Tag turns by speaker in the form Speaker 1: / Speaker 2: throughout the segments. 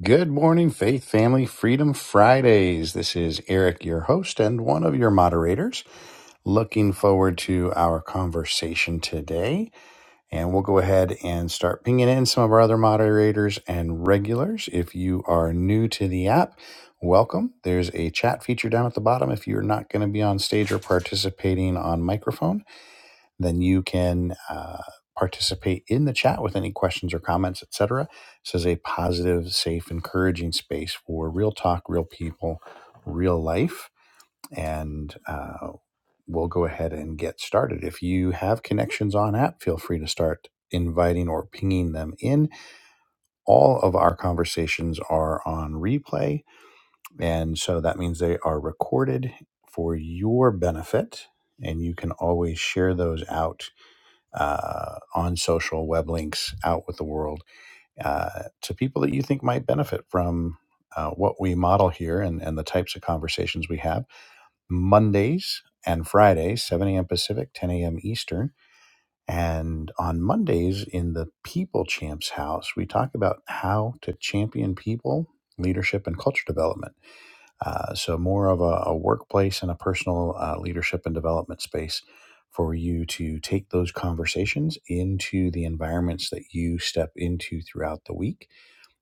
Speaker 1: Good morning, Faith Family Freedom Fridays. This is Eric, your host and one of your moderators. Looking forward to our conversation today. And we'll go ahead and start pinging in some of our other moderators and regulars. If you are new to the app, welcome. There's a chat feature down at the bottom if you're not going to be on stage or participating on microphone then you can uh, participate in the chat with any questions or comments, etc. This is a positive, safe, encouraging space for real talk, real people, real life, and uh, we'll go ahead and get started. If you have connections on app, feel free to start inviting or pinging them in. All of our conversations are on replay, and so that means they are recorded for your benefit. And you can always share those out uh, on social web links out with the world uh, to people that you think might benefit from uh, what we model here and, and the types of conversations we have mondays and fridays 7 a.m pacific 10 a.m eastern and on mondays in the people champs house we talk about how to champion people leadership and culture development uh, so more of a, a workplace and a personal uh, leadership and development space for you to take those conversations into the environments that you step into throughout the week.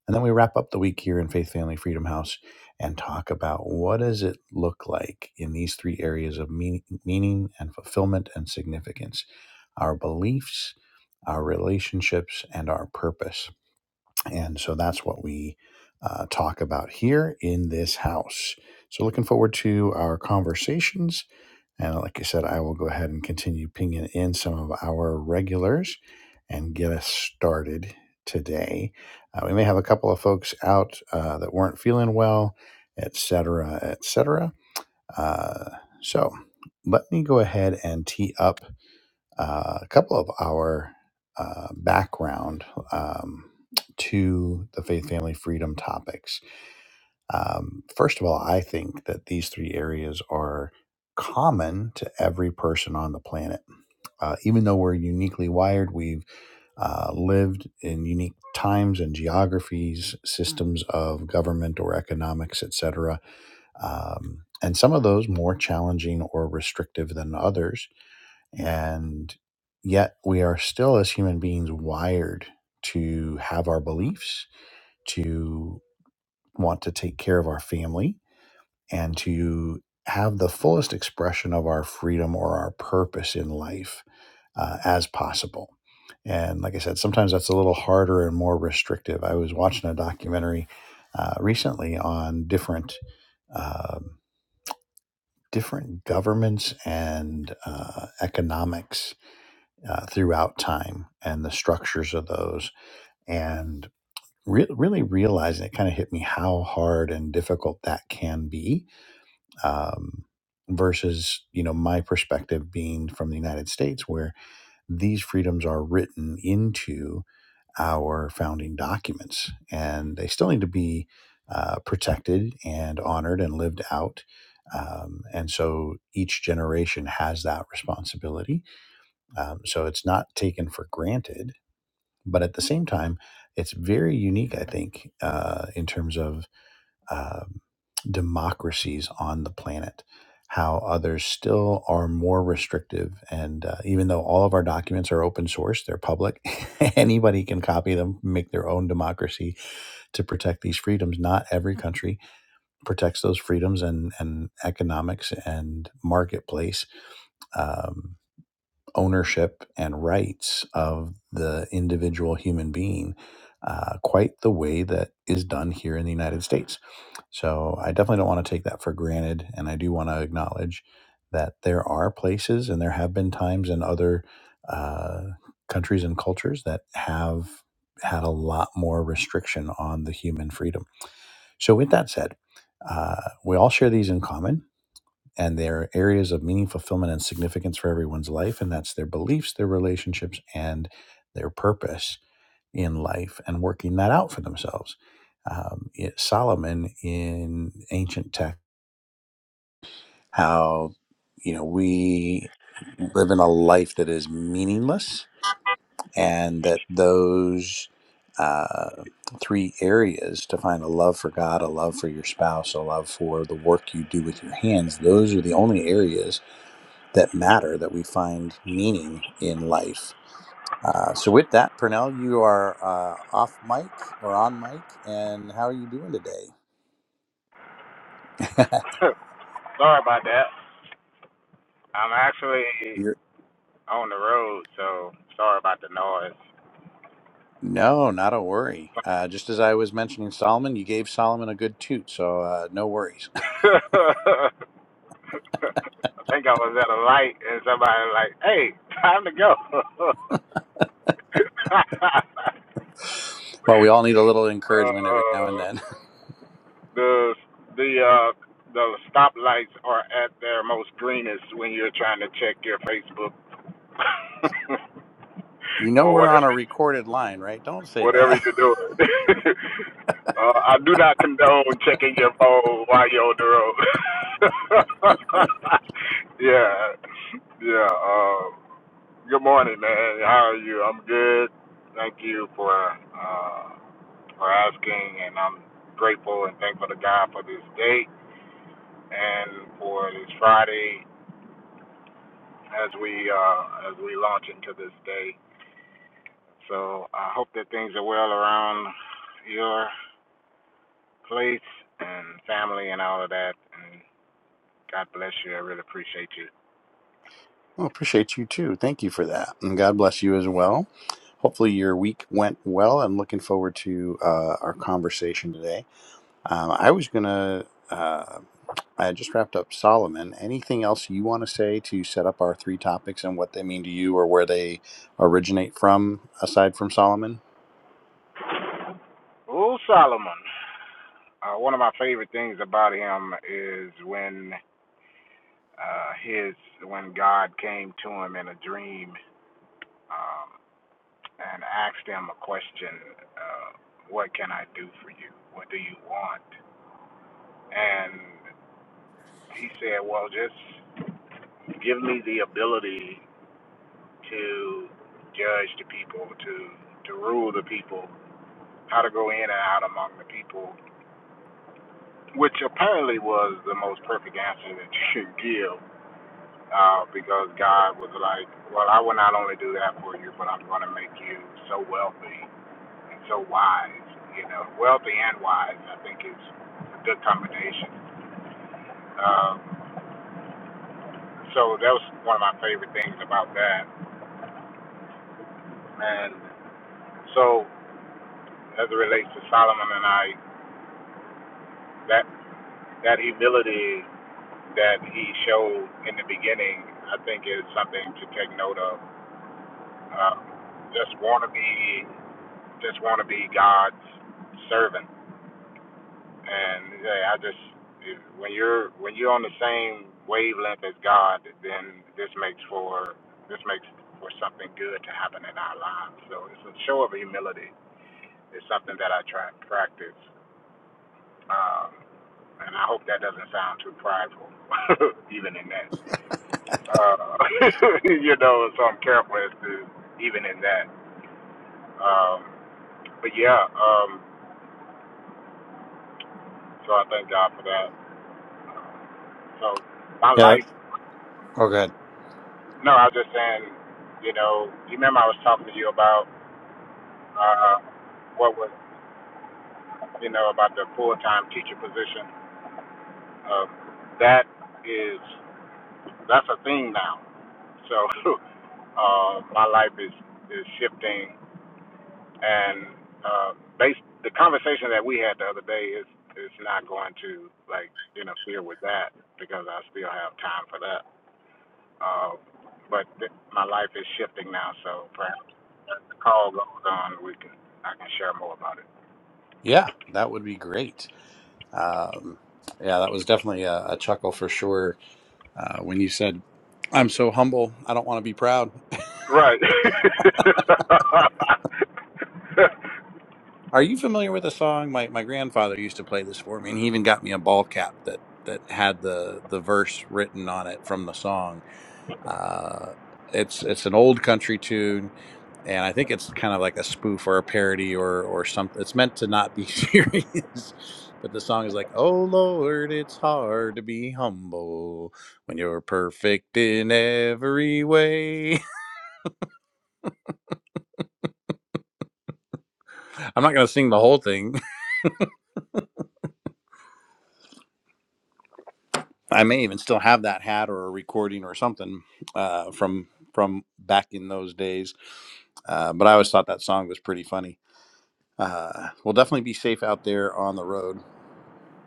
Speaker 1: And then we wrap up the week here in Faith Family Freedom House and talk about what does it look like in these three areas of meaning, meaning and fulfillment and significance, our beliefs, our relationships, and our purpose. And so that's what we uh, talk about here in this house. So looking forward to our conversations. And like I said, I will go ahead and continue pinging in some of our regulars and get us started today. Uh, we may have a couple of folks out uh, that weren't feeling well, et cetera, et cetera. Uh, so let me go ahead and tee up uh, a couple of our uh, background um, to the faith, family, freedom topics. Um, first of all, I think that these three areas are common to every person on the planet. Uh, even though we're uniquely wired, we've uh, lived in unique times and geographies, systems of government or economics, etc. Um, and some of those more challenging or restrictive than others and yet, we are still, as human beings, wired to have our beliefs, to want to take care of our family, and to have the fullest expression of our freedom or our purpose in life uh, as possible. And like I said, sometimes that's a little harder and more restrictive. I was watching a documentary uh, recently on different. Um, different governments and uh, economics uh, throughout time and the structures of those and re- really realizing it kind of hit me how hard and difficult that can be um, versus you know my perspective being from the united states where these freedoms are written into our founding documents and they still need to be uh, protected and honored and lived out um, and so each generation has that responsibility um, so it's not taken for granted but at the same time, it's very unique, I think, uh, in terms of um democracies on the planet, how others still are more restrictive. And uh, even though all of our documents are open source, they're public, anybody can copy them, make their own democracy to protect these freedoms. Not every country protects those freedoms and, and economics and marketplace. Um, ownership and rights of the individual human being uh, quite the way that is done here in the United States. So I definitely don't want to take that for granted. And I do want to acknowledge that there are places and there have been times in other uh, countries and cultures that have had a lot more restriction on the human freedom. So, with that said, uh, we all share these in common and they are areas of meaning, fulfillment, and significance for everyone's life. And that's their beliefs, their relationships, and their purpose in life and working that out for themselves. Um, it- Solomon in ancient tech, how, you know, we live in a life that is meaningless and that those uh, three areas to find a love for God, a love for your spouse, a love for the work you do with your hands, those are the only areas that matter, that we find meaning in life. Uh, so, with that, Purnell, you are uh, off mic or on mic, and how are you doing today?
Speaker 2: sorry about that. I'm actually
Speaker 1: You're-
Speaker 2: on the road, so sorry about the noise.
Speaker 1: no, not a worry. Uh, just as I was mentioning Solomon, you gave Solomon a good toot, so uh, no worries.
Speaker 2: I think I was at a light and somebody was like, "Hey, time to go."
Speaker 1: well, we all need a little encouragement every now and
Speaker 2: uh,
Speaker 1: then.
Speaker 2: the the uh, the stoplights are at their most greenest when you're trying to check your Facebook
Speaker 1: you know,
Speaker 2: or
Speaker 1: we're on
Speaker 2: whatever.
Speaker 1: a recorded line, right? Don't say
Speaker 2: whatever
Speaker 1: that.
Speaker 2: you're doing. uh, I do not condone checking your phone while you're on the road. yeah, yeah. Um, good morning, man. How are you? I'm good. Thank you for uh, for asking, and I'm grateful and thankful to God for this day and for this Friday as we uh, as we launch into this day. So I hope that things are well around your. place and family and all of that. And God bless you. I really appreciate you.
Speaker 1: Well, appreciate you too. Thank you for that. And God bless you as well. Hopefully, your week went well. I'm looking forward to uh, our conversation today. Um, I was gonna. Uh, I just wrapped up Solomon. Anything else you want to say to set up our three topics and what they mean to you, or where they originate from, aside from Solomon?
Speaker 2: Old Solomon. Uh, one of my favorite things about him is when uh, his when God came to him in a dream um, and asked him a question. Uh, what can I do for you? What do you want? And he said, Well, just give me the ability to judge the people, to to rule the people, how to go in and out among the people, which apparently was the most perfect answer that you could give, uh, because God was like, "Well, I will not only do that for you, but I'm going to make you so wealthy and so wise. You know, wealthy and wise, I think is a good combination." Um, so that was one of my favorite things about that, and so as it relates to Solomon and I, that that humility that he showed in the beginning, I think is something to take note of. Um, just want to be, just want to be God's servant, and yeah, I just when you're when you're on the same wavelength as God, then this makes for this makes for something good to happen in our lives. So it's a show of humility. It's something that I try and practice, um, and I hope that doesn't sound too prideful, even in that. Uh, you know, so I'm careful as to even in that. Um, but yeah, um, so I thank God for that. So my
Speaker 1: Yeah. That,
Speaker 2: life,
Speaker 1: oh, good.
Speaker 2: no, I was just saying, you know, you remember I was talking to you about uh, what was, you know, about the full-time teacher position. Um, that is, that's a thing now. So uh, my life is is shifting and uh, based the conversation that we had the other day is is not going to like interfere with that because I still have time for that. Uh, but th- my life is shifting now, so perhaps as the call goes on, we can I can share more about it.
Speaker 1: Yeah, that would be great. Um, yeah, that was definitely a, a chuckle for sure uh, when you said, "I'm so humble. I don't want to be proud."
Speaker 2: Right.
Speaker 1: Are you familiar with a song? My my grandfather used to play this for me, and he even got me a ball cap that that had the the verse written on it from the song Uh, it's it's an old country tune, and I think it's kind of like a spoof or a parody or or something. It's meant to not be serious, but the song is like, "Oh Lord, it's hard to be humble when you're perfect in every way." I'm not gonna sing the whole thing. I may even still have that hat or a recording or something uh, from from back in those days. Uh, but I always thought that song was pretty funny. Uh, we'll definitely be safe out there on the road.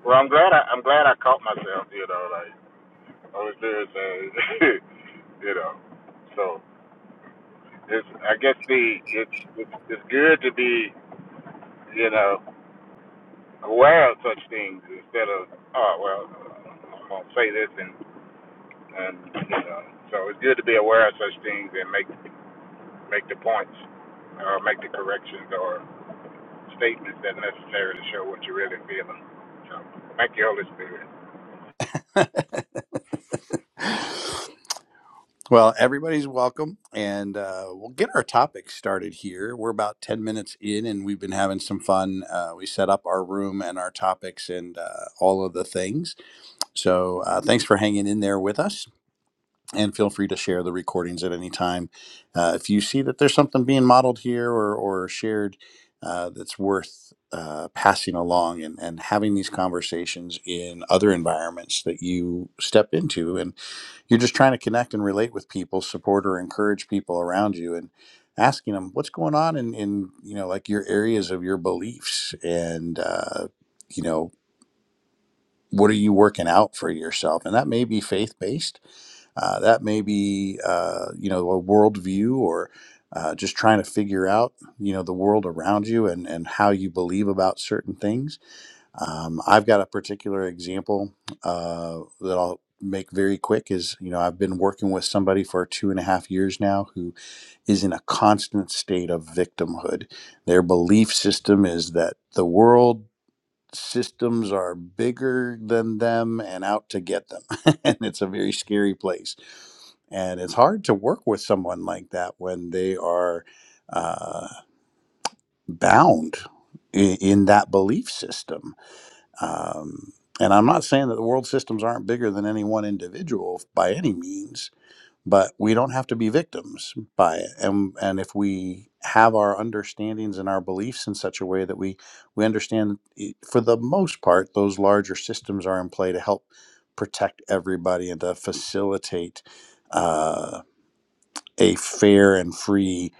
Speaker 2: well, I'm glad I, I'm glad I caught myself. You know, like I was there, and, you know, so it's I guess the it's it's, it's good to be you know aware of such things instead of oh well I'm gonna say this and and you know so it's good to be aware of such things and make make the points or make the corrections or statements that are necessary to show what you're really feeling. So thank you, Holy Spirit.
Speaker 1: Well, everybody's welcome, and uh, we'll get our topic started here. We're about 10 minutes in, and we've been having some fun. Uh, we set up our room and our topics and uh, all of the things. So, uh, thanks for hanging in there with us, and feel free to share the recordings at any time. Uh, if you see that there's something being modeled here or, or shared uh, that's worth uh, passing along and, and having these conversations in other environments that you step into and you're just trying to connect and relate with people, support or encourage people around you, and asking them what's going on in, in you know like your areas of your beliefs, and uh, you know what are you working out for yourself, and that may be faith based, uh, that may be uh, you know a worldview or uh, just trying to figure out you know the world around you and and how you believe about certain things um, I've got a particular example uh, that I'll make very quick. Is you know I've been working with somebody for two and a half years now who is in a constant state of victimhood. Their belief system is that the world systems are bigger than them and out to get them. and it's a very scary place. And it's hard to work with someone like that when they are uh, bound in, in that belief system um, and I'm not saying that the world systems aren't bigger than any one individual by any means, but we don't have to be victims by it. And and if we have our understandings and our beliefs in such a way that we we understand, eh, for the most part, those larger systems are in play to help protect everybody and to facilitate uh, a fair and free,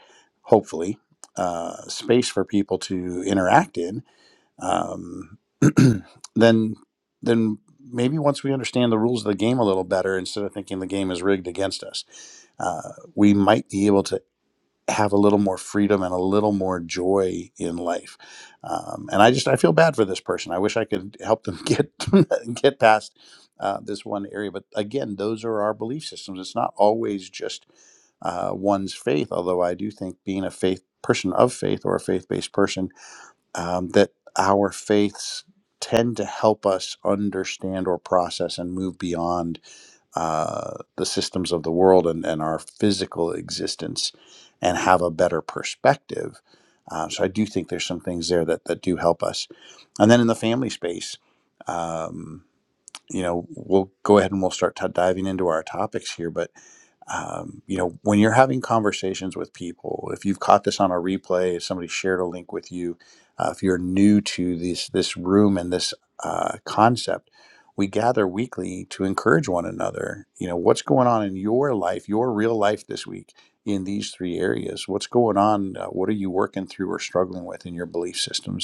Speaker 1: hopefully, uh, space for people to interact in um, then then maybe once we understand the rules of the game a little better, instead of thinking the game is rigged against us, uh, we might be able to have a little more freedom and a little more joy in life. Um, and I just I feel bad for this person. I wish I could help them get get past uh, this one area. But again, those are our belief systems. It's not always just uh, one's faith. Although I do think being a faith person of faith or a faith based person um, that our faiths tend to help us understand or process and move beyond uh, the systems of the world and, and our physical existence and have a better perspective. Uh, so I do think there's some things there that, that do help us. And then in the family space, um, you know, we'll go ahead and we'll start t- diving into our topics here, but um, you know, when you're having conversations with people, if you've caught this on a replay, if somebody shared a link with you, uh, if you're new to this this room and this uh, concept, we gather weekly to encourage one another. You know, what's going on in your life, your real life this week in these three areas? What's going on? Uh, what are you working through or struggling with in your belief systems?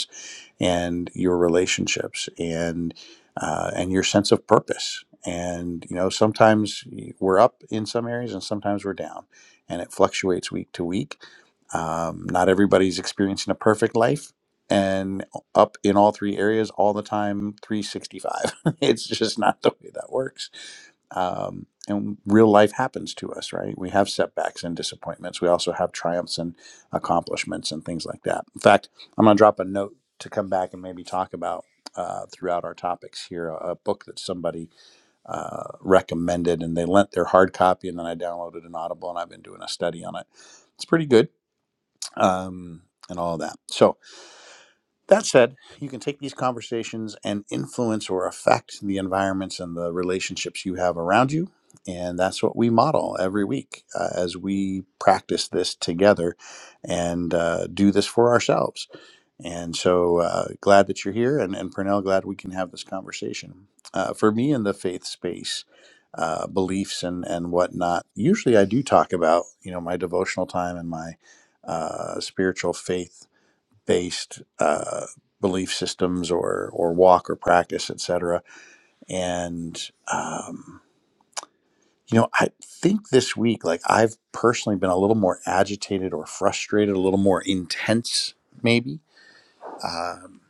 Speaker 1: and your relationships and uh, and your sense of purpose. And you know, sometimes we're up in some areas and sometimes we're down, and it fluctuates week to week. Um, not everybody's experiencing a perfect life and up in all three areas all the time, 365. it's just not the way that works um, and real life happens to us, right? We have setbacks and disappointments. We also have triumphs and accomplishments and things like that. In fact, I'm going to drop a note to come back and maybe talk about uh, throughout our topics here a, a book that somebody uh, recommended and they lent their hard copy and then I downloaded an Audible and I've been doing a study on it. It's pretty good um, and all of that. So, that said, you can take these conversations and influence or affect the environments and the relationships you have around you. And that's what we model every week uh, as we practice this together and uh, do this for ourselves and so uh, glad that you're here. And, and Purnell, glad we can have this conversation. Uh, for me in the faith space, uh, beliefs and, and whatnot, usually I do talk about, you know, my devotional time and my uh, spiritual faith based uh, belief systems or, or walk or practice, etc. And, um, you know, I think this week, like I've personally been a little more agitated or frustrated, a little more intense, maybe um,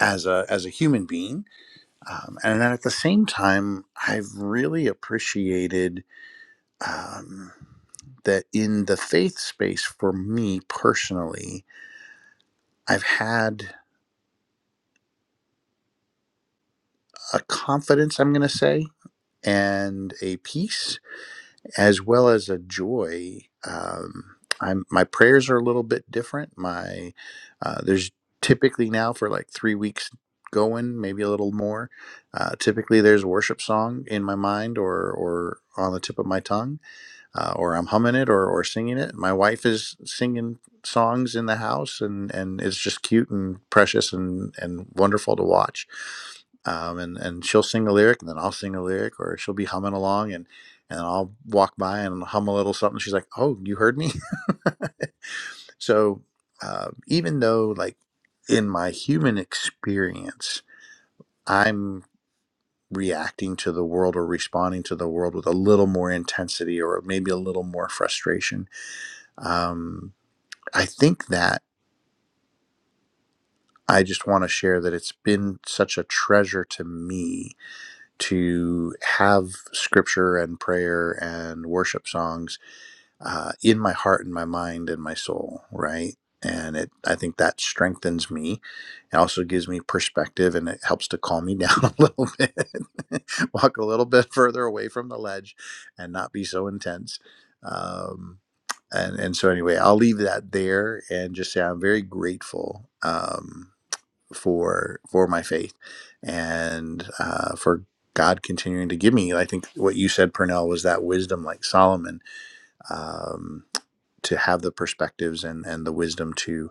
Speaker 1: as a as a human being, um, and then at the same time, I've really appreciated um, that in the faith space for me personally, I've had a confidence. I'm going to say. And a peace as well as a joy. Um, I'm my prayers are a little bit different. My uh, there's typically now for like three weeks going, maybe a little more. Uh, typically, there's a worship song in my mind or or on the tip of my tongue, uh, or I'm humming it or or singing it. My wife is singing songs in the house, and and it's just cute and precious and and wonderful to watch um, and and she'll sing a lyric, and then I'll sing a lyric, or she'll be humming along, and and I'll walk by and hum a little something. She's like, "Oh, you heard me." so uh, even though, like in my human experience, I'm reacting to the world or responding to the world with a little more intensity or maybe a little more frustration. Um, I think that I just want to share that it's been such a treasure to me to have scripture and prayer and worship songs uh, in my heart and my mind and my soul, right? And it, I think that strengthens me. It also gives me perspective and it helps to calm me down a little bit, walk a little bit further away from the ledge and not be so intense. Um, and, and so, anyway, I'll leave that there and just say I'm very grateful. Um, for for my faith and uh, for God continuing to give me. I think what you said, Purnell, was that wisdom, like Solomon, um, to have the perspectives and and the wisdom to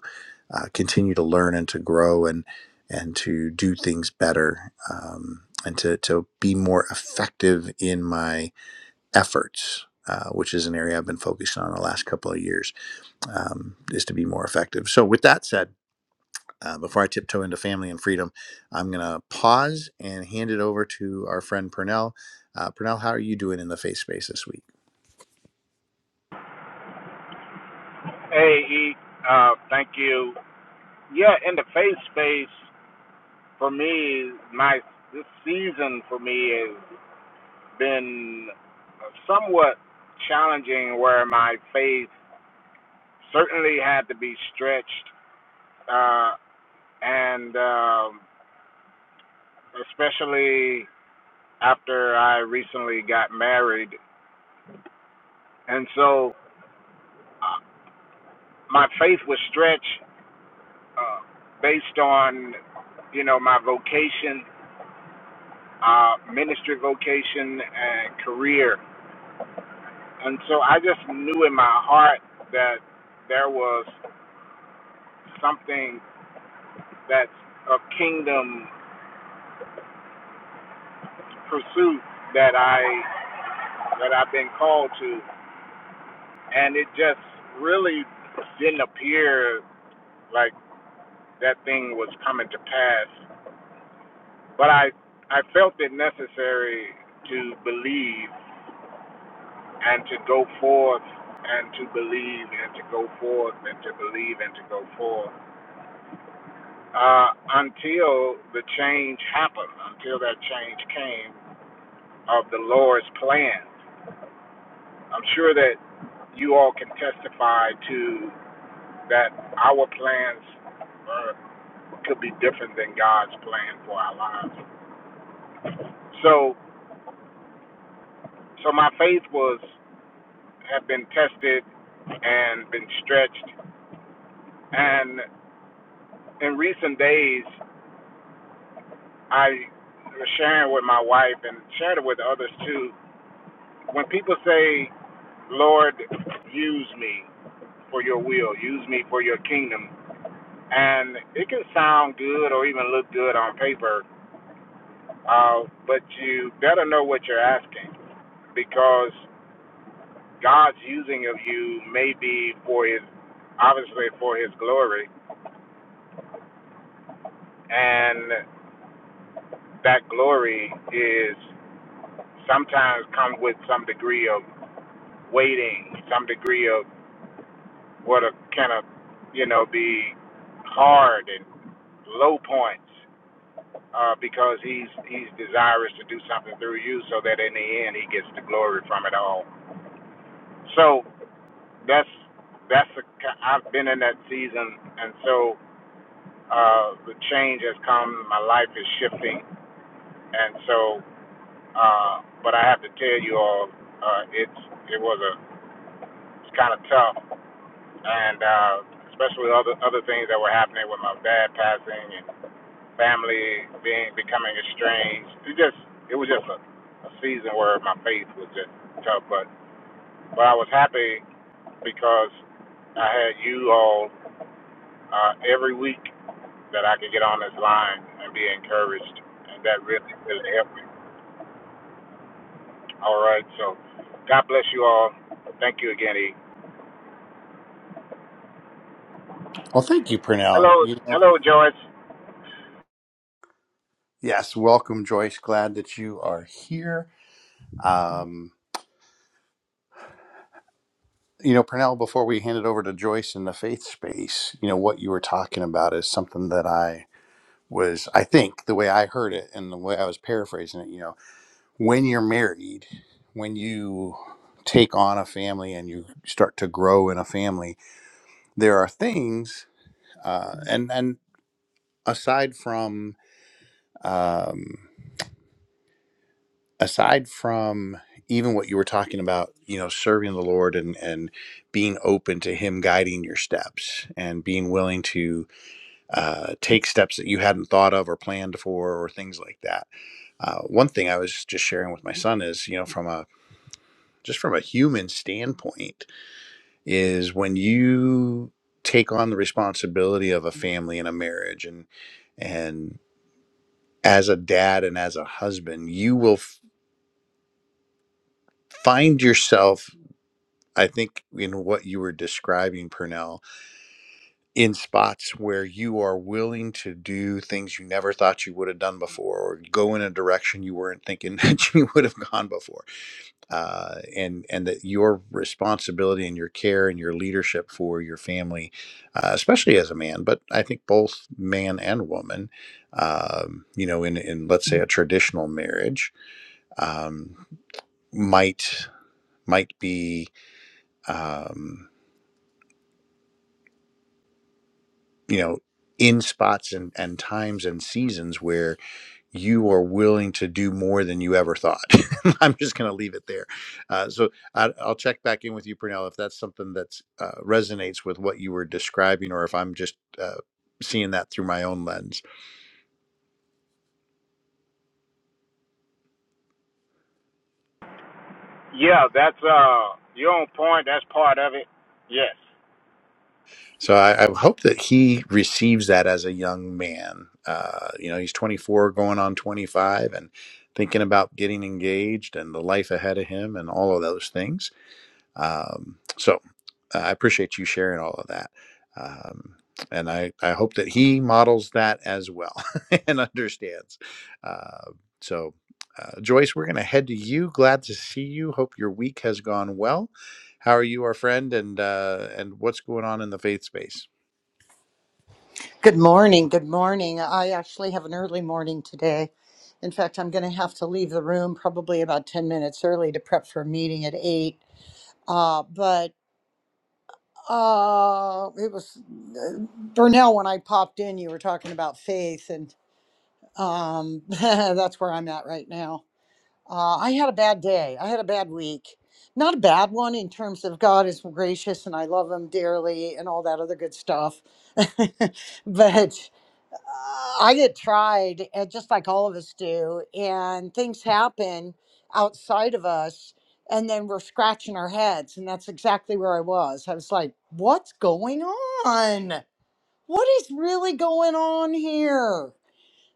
Speaker 1: uh, continue to learn and to grow and and to do things better um, and to to be more effective in my efforts. Uh, which is an area I've been focused on the last couple of years, um, is to be more effective. So, with that said, uh, before I tiptoe into family and freedom, I'm going to pause and hand it over to our friend Purnell. Uh, Purnell, how are you doing in the faith space this week?
Speaker 2: Hey, E, uh, thank you. Yeah, in the faith space for me, my this season for me has been somewhat challenging where my faith certainly had to be stretched, uh, and um, especially after I recently got married. And so uh, my faith was stretched uh, based on, you know, my vocation, uh, ministry vocation, and career. And so I just knew in my heart that there was something that's of kingdom pursuit that I that I've been called to. and it just really didn't appear like that thing was coming to pass. But I I felt it necessary to believe and to go forth and to believe and to go forth and to believe and to go forth uh, until the change happened, until that change came of the Lord's plan. I'm sure that you all can testify to that our plans were could be different than God's plan for our lives. So, so my faith was have been tested and been stretched. And in recent days, I was sharing with my wife and shared it with others too. When people say, "Lord, use me for Your will, use me for Your kingdom," and it can sound good or even look good on paper, uh, but you better know what you're asking because God's using of you may be for his, obviously for his glory, and that glory is sometimes come with some degree of waiting, some degree of what a kind of, you know, be hard and low points, uh, because he's he's desirous to do something through you, so that in the end he gets the glory from it all. So that's that's a, I've been in that season, and so uh, the change has come. My life is shifting, and so, uh, but I have to tell you all, uh, it's it was a it's kind of tough, and uh, especially other other things that were happening with my dad passing and family being becoming estranged. It just it was just a, a season where my faith was just tough, but but I was happy because I had you all uh, every week. that I could get on this line and be encouraged, and that really really helped me. All right, so God bless you all. Thank you again, E.
Speaker 1: Well, thank you, Purnell.
Speaker 2: Hello,
Speaker 1: You know,
Speaker 2: hello, Joyce.
Speaker 1: yes, welcome, Joyce. Glad that you are here. Um, you know, Purnell, before we hand it over to Joyce in the faith space, you know, what you were talking about is something that I was, I think, the way I heard it and the way I was paraphrasing it, you know, when you're married, when you take on a family and you start to grow in a family, there are things uh, and and aside from um, aside from even what you were talking about you know serving the lord and and being open to him guiding your steps and being willing to uh, take steps that you hadn't thought of or planned for or things like that uh, one thing i was just sharing with my son is you know from a just from a human standpoint is when you take on the responsibility of a family and a marriage and and as a dad and as a husband, you will f- find yourself, I think, in what you were describing, Purnell, in spots where you are willing to do things you never thought you would have done before, or go in a direction you weren't thinking that you would have gone before, uh, and and that your responsibility and your care and your leadership for your family, uh, especially as a man, but I think both man and woman, um, you know, in in let's say a traditional marriage. Um, might might be um, you know in spots and, and times and seasons where you are willing to do more than you ever thought i'm just going to leave it there uh, so I, i'll check back in with you Pernell, if that's something that uh, resonates with what you were describing or if i'm just uh, seeing that through my own lens
Speaker 2: Yeah, that's uh, you're on point. That's part of it. Yes.
Speaker 1: So I, I hope that he receives that as a young man. Uh, you know, he's 24, going on 25, and thinking about getting engaged and the life ahead of him and all of those things. Um, so uh, I appreciate you sharing all of that. Um, and I, I hope that he models that as well and understands. Uh, so, uh, Joyce, we're going to head to you. Glad to see you. Hope your week has gone well. How are you, our friend, and uh, and what's going on in the faith space?
Speaker 3: Good morning. Good morning. I actually have an early morning today. In fact, I'm going to have to leave the room probably about 10 minutes early to prep for a meeting at 8. Uh, but uh, it was uh, Burnell, when I popped in, you were talking about faith, and um, that's where I'm at right now. Uh, I had a bad day. I had a bad week. Not a bad one in terms of God is gracious and I love him dearly and all that other good stuff. but I get tried, and just like all of us do, and things happen outside of us, and then we're scratching our heads. And that's exactly where I was. I was like, what's going on? What is really going on here?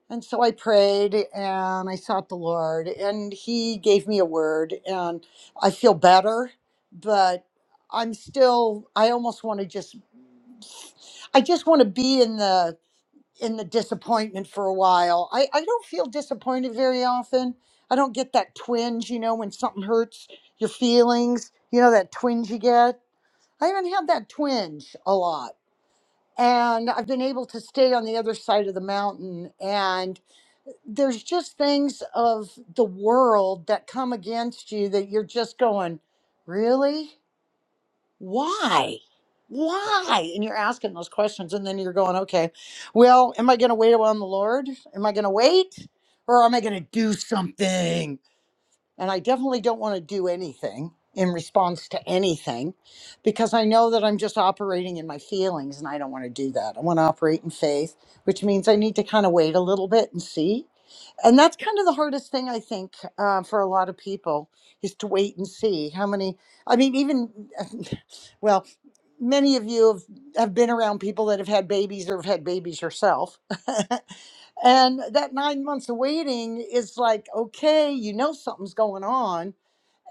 Speaker 3: And so I prayed and I sought the Lord, and He gave me a word, and I feel better, but I'm still, I almost want to just, I just want to be in the in the disappointment for a while. I, I don't feel disappointed very often. I don't get that twinge, you know, when something hurts your feelings, you know, that twinge you get. I haven't had that twinge a lot. And I've been able to stay on the other side of the mountain. And there's just things of the world that come against you that you're just going, really? why? Why? And you're asking those questions, and then you're going, okay, well, am I going to wait on the Lord? Am I going to wait? Or am I going to do something? And I definitely don't want to do anything in response to anything because I know that I'm just operating in my feelings and I don't want to do that. I want to operate in faith, which means I need to kind of wait a little bit and see. And that's kind of the hardest thing, I think, uh, for a lot of people is to wait and see how many. I mean, even, well, many of you have, have been around people that have had babies or have had babies yourself. And that nine months of waiting is like, okay, you know something's going on.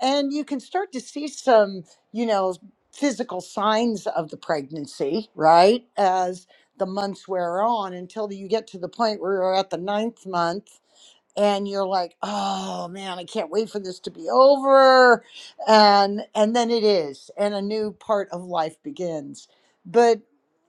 Speaker 3: And you can start to see some, you know, physical signs of the pregnancy, right? As the months wear on until you get to the point where you're at the ninth month and you're like oh man i can't wait for this to be over and and then it is and a new part of life begins but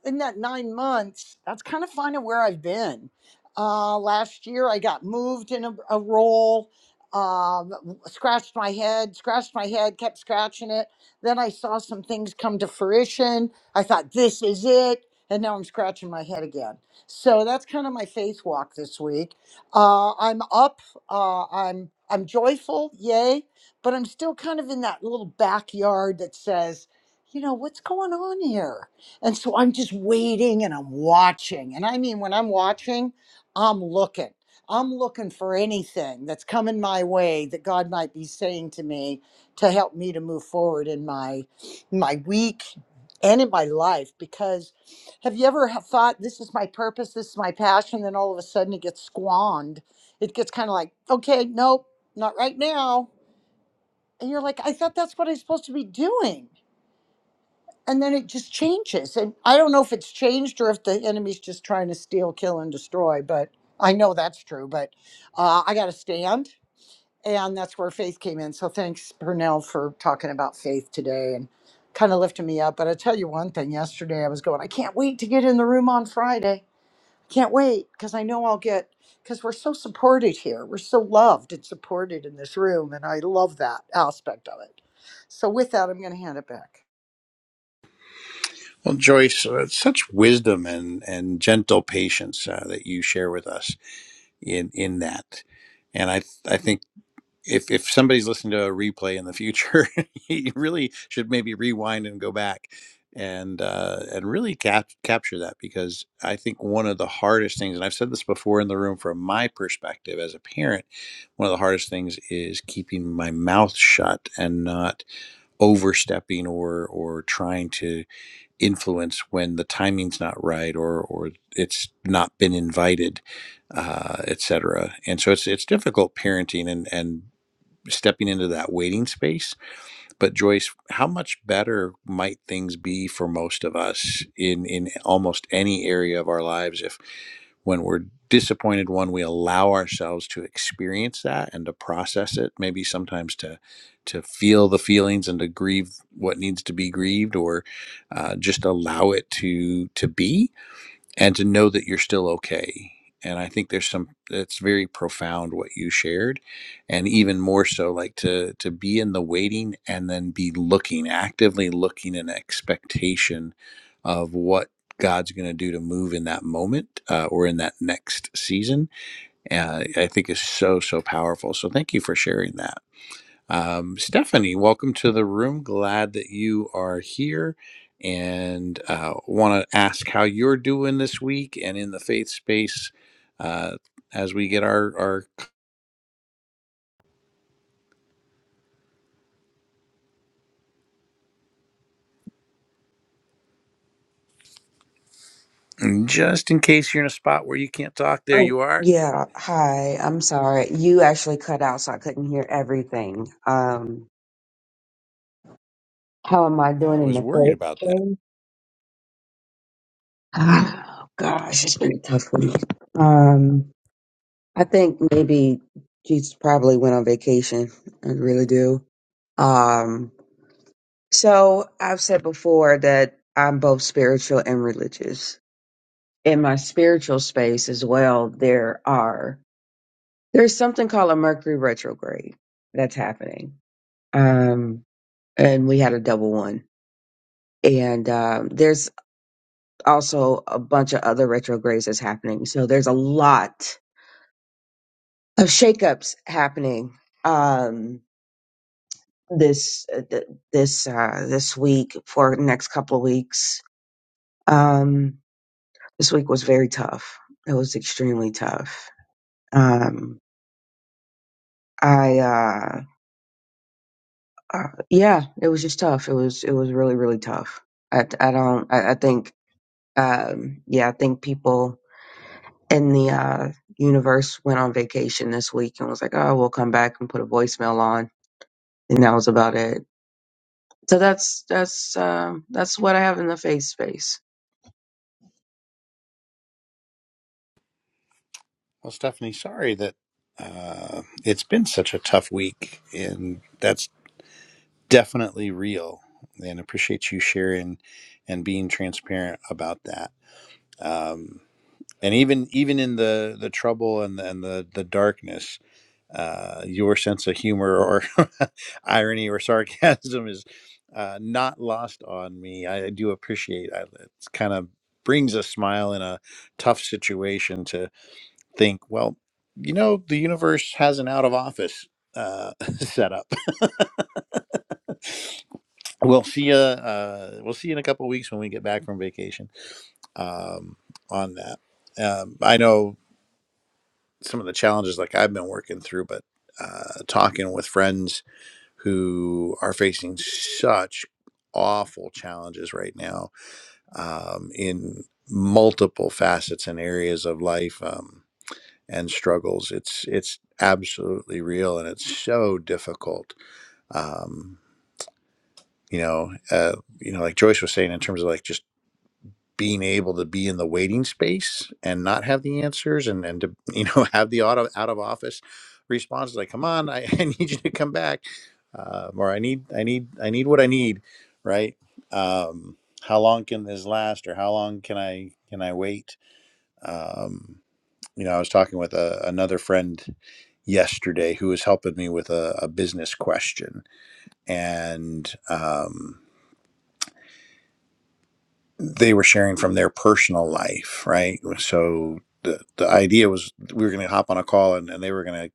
Speaker 3: in that nine months that's kind of finding where i've been uh, last year i got moved in a, a role um, scratched my head scratched my head kept scratching it then i saw some things come to fruition i thought this is it and now i'm scratching my head again so that's kind of my faith walk this week uh, I'm up. Uh, I'm I'm joyful, yay! But I'm still kind of in that little backyard that says, you know, what's going on here? And so I'm just waiting and I'm watching. And I mean, when I'm watching, I'm looking. I'm looking for anything that's coming my way that God might be saying to me to help me to move forward in my my week and in my life because have you ever ha- thought this is my purpose, this is my passion, then all of a sudden it gets squandered? It gets kind of like, okay, nope, not right now. And you're like, I thought that's what I'm supposed to be doing. And then it just changes. And I don't know if it's changed or if the enemy's just trying to steal, kill, and destroy, but I know that's true. But uh, I got to stand. And that's where faith came in. So thanks, Pernell, for talking about faith today and kind of lifting me up. But I tell you one thing yesterday, I was going, I can't wait to get in the room on Friday can't wait because I know I'll get because we're so supported here. We're so loved and supported in this room, and I love that aspect of it. So with that, I'm going to hand it back.
Speaker 1: Well, Joyce, uh, such wisdom and, and gentle patience uh, that you share with us in, in that. And I, I think if, if somebody's listening to a replay in the future, you really should maybe rewind and go back and, uh, and really cap- capture that because I think one of the hardest things, and I've said this before in the room from my perspective as a parent, one of the hardest things is keeping my mouth shut and not overstepping or, or trying to influence when the timing's not right or or it's not been invited, uh, et cetera. And so it's it's difficult parenting and and stepping into that waiting space. But Joyce, how much better might things be for most of us in in almost any area of our lives if when we're disappointed one we allow ourselves to experience that and to process it maybe sometimes to to feel the feelings and to grieve what needs to be grieved or uh, just allow it to to be and to know that you're still okay. And I think there's some it's very profound what you shared, and even more so like to to be in the waiting and then be looking actively looking in expectation of what God's going to do to move in that moment uh, or in that next season. Uh, I think is so so powerful. So thank you for sharing that. Um, Stephanie, welcome to the room. Glad that you are here and uh, want to ask how you're doing this week and in the faith space uh, as we get our, our. Just in case you're in a spot where you can't talk, there
Speaker 4: Oh,
Speaker 1: you are.
Speaker 4: yeah. Hi. I'm sorry. You actually cut out, so I couldn't hear everything. Um, how am I
Speaker 1: I
Speaker 4: doing in
Speaker 1: was
Speaker 4: the
Speaker 1: worried
Speaker 4: first
Speaker 1: about that.
Speaker 4: grade? Oh, gosh, it's been a tough week. Um, I think maybe Jesus probably went on vacation. I really do. Um, so I've said before that I'm both spiritual and religious. In my spiritual space as well, there are there's something called a Mercury retrograde that's happening um, and we had a double one. And um, there's also a bunch of other retrogrades that's happening. So there's a lot of shakeups happening um, this uh, th- this uh, this week for the next couple of weeks. Um, this week was very tough. It was extremely tough. Um, I uh, uh, yeah, it was just tough. It was it was really really tough. I I don't I, I think um, yeah I think people and the uh, universe went on vacation this week and was like, "Oh, we'll come back and put a voicemail on," and that was about it. So that's that's um, that's what I have in the face space.
Speaker 1: Well, Stephanie, sorry that uh, it's been such a tough week, and that's definitely real. And appreciate you sharing and being transparent about that. Um, and even even in the the trouble and the, and the the darkness, uh, your sense of humor or irony or sarcasm is uh, not lost on me. I, do appreciate. I, it's kind of brings a smile in a tough situation think, well, you know, the universe has an out of office uh, setup. We'll see you. Uh, we'll see you in a couple of weeks when we get back from vacation. Um, on that, um, I know some of the challenges like I've been working through, but uh, talking with friends who are facing such awful challenges right now um, in multiple facets and areas of life. Um, and struggles. It's it's absolutely real, and it's so difficult. Um, you know, uh, you know, like Joyce was saying, in terms of like just being able to be in the waiting space and not have the answers, and and to you know have the auto out of office responses like, "Come on, I, I need you to come back," uh, or "I need I need I need what I need," right? Um, how long can this last, or how long can I can I wait? Um, you know, I was talking with a, another friend yesterday who was helping me with a, a business question, and um, they were sharing from their personal life, right? So the the idea was we were going to hop on a call, and, and they were going to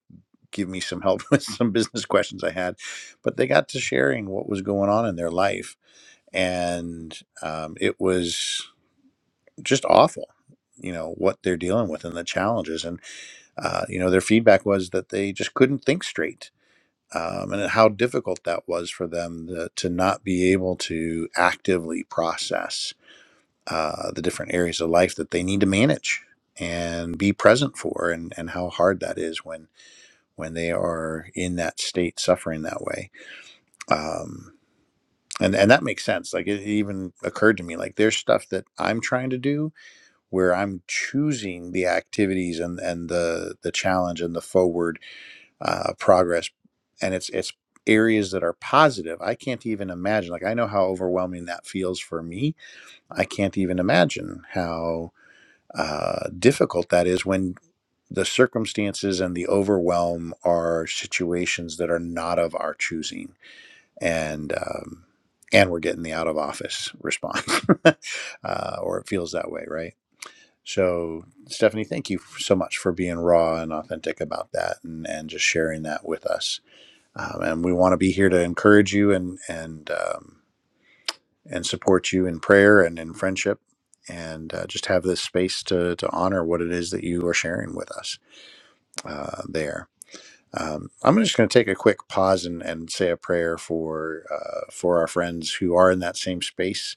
Speaker 1: give me some help with some business questions I had, but they got to sharing what was going on in their life, and um, it was just awful. You know what they're dealing with and the challenges, and uh, you know their feedback was that they just couldn't think straight um, and how difficult that was for them to, to not be able to actively process uh, the different areas of life that they need to manage and be present for, and, and how hard that is when when they are in that state suffering that way. Um, and, and that makes sense. Like it even occurred to me, like there's stuff that I'm trying to do where I'm choosing the activities and, and the the challenge and the forward uh, progress and it's it's areas that are positive i can't even imagine like i know how overwhelming that feels for me i can't even imagine how uh, difficult that is when the circumstances and the overwhelm are situations that are not of our choosing and um, and we're getting the out of office response uh, or it feels that way right so stephanie thank you so much for being raw and authentic about that and, and just sharing that with us um, and we want to be here to encourage you and and um, and support you in prayer and in friendship, and uh, just have this space to to honor what it is that you are sharing with us uh, there. Um, I'm just going to take a quick pause and, and say a prayer for uh, for our friends who are in that same space,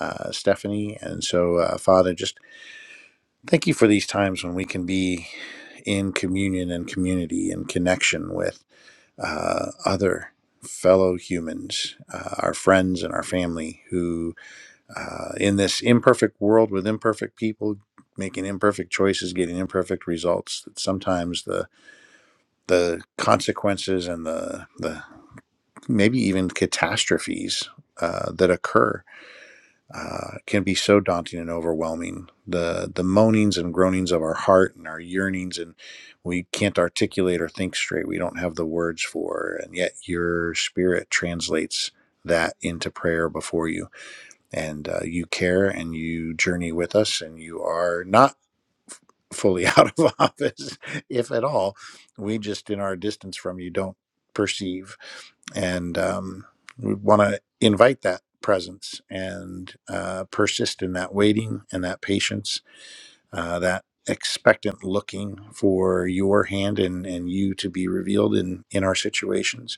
Speaker 1: uh, Stephanie. And so, uh, Father, just thank you for these times when we can be in communion and community and connection with. uh, other fellow humans, uh, our friends and our family, who uh, in this imperfect world with imperfect people, making imperfect choices, getting imperfect results, that sometimes the the consequences and the the maybe even catastrophes uh, that occur uh, can be so daunting and overwhelming. The the moanings and groanings of our heart and our yearnings, and we can't articulate or think straight. We don't have the words for, and yet your spirit translates that into prayer before you, and uh, you care and you journey with us, and you are not fully out of office, if at all. We just in our distance from you don't perceive and um, we want to invite that presence and uh, persist in that waiting and that patience, uh, that expectant looking for your hand and, and you to be revealed in, in our situations.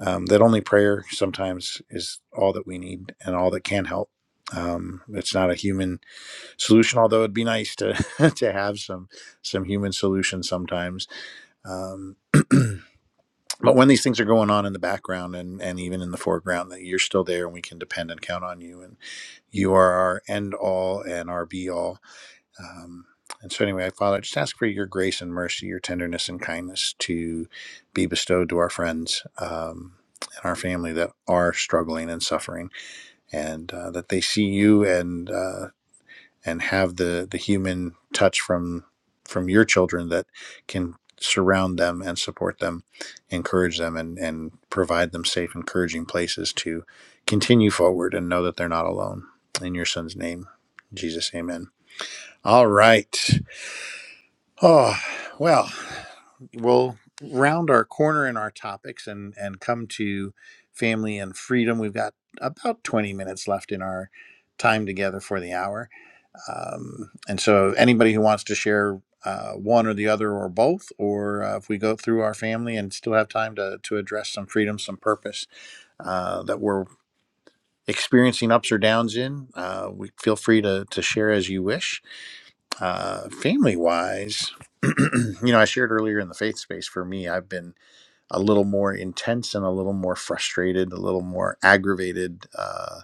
Speaker 1: Um, that only prayer sometimes is all that we need and all that can help. Um, it's not a human solution, although it'd be nice to to have some some human solution sometimes. Um, but when these things are going on in the background and, and even in the foreground that you're still there and we can depend and count on you and you are our end all and our be all um, and so anyway father I just ask for your grace and mercy your tenderness and kindness to be bestowed to our friends um, and our family that are struggling and suffering and uh, that they see you and uh, and have the the human touch from from your children that can surround them and support them encourage them and and provide them safe encouraging places to continue forward and know that they're not alone in your son's name jesus amen all right oh well we'll round our corner in our topics and and come to family and freedom we've got about 20 minutes left in our time together for the hour um, and so, anybody who wants to share uh, one or the other or both, or uh, if we go through our family and still have time to, to address some freedom, some purpose uh, that we're experiencing ups or downs in, uh, we feel free to, to share as you wish. Uh, family wise, you know, I shared earlier in the faith space for me, I've been a little more intense and a little more frustrated, a little more aggravated. uh,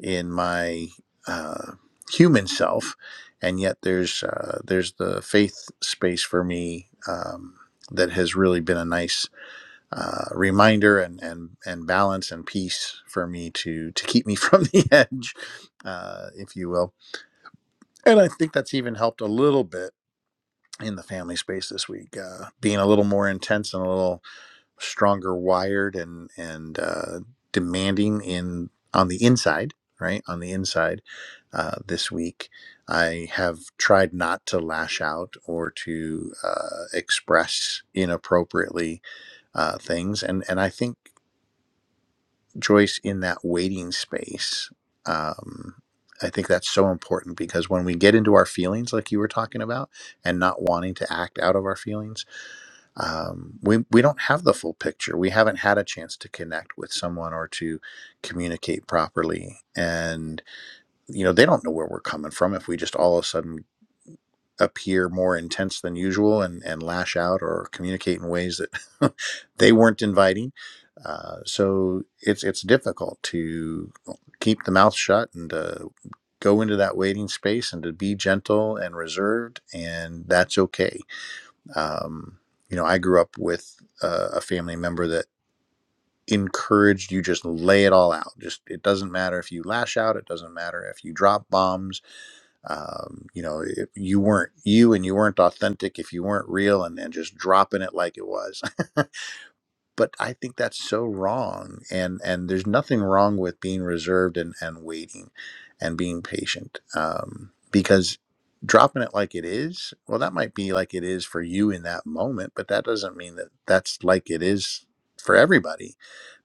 Speaker 1: in my uh, human self, and yet there's uh, there's the faith space for me um, that has really been a nice uh, reminder and and and balance and peace for me to to keep me from the edge, uh, if you will. And I think that's even helped a little bit in the family space this week, uh, being a little more intense and a little stronger wired and and uh, demanding in on the inside right on the inside uh, this week i have tried not to lash out or to uh, express inappropriately uh, things and and i think joyce in that waiting space um, i think that's so important because when we get into our feelings like you were talking about and not wanting to act out of our feelings um, we we don't have the full picture. We haven't had a chance to connect with someone or to communicate properly, and you know they don't know where we're coming from if we just all of a sudden appear more intense than usual and and lash out or communicate in ways that they weren't inviting. Uh, so it's it's difficult to keep the mouth shut and to go into that waiting space and to be gentle and reserved, and that's okay um, you know, I grew up with uh, a family member that encouraged you just lay it all out. Just it doesn't matter if you lash out. It doesn't matter if you drop bombs. Um, you know, if you weren't you and you weren't authentic if you weren't real and, and just dropping it like it was. but I think that's so wrong. And and there's nothing wrong with being reserved and, and waiting and being patient. Um, because dropping it like it is, well, that might be like it is for you in that moment, but that doesn't mean that that's like it is for everybody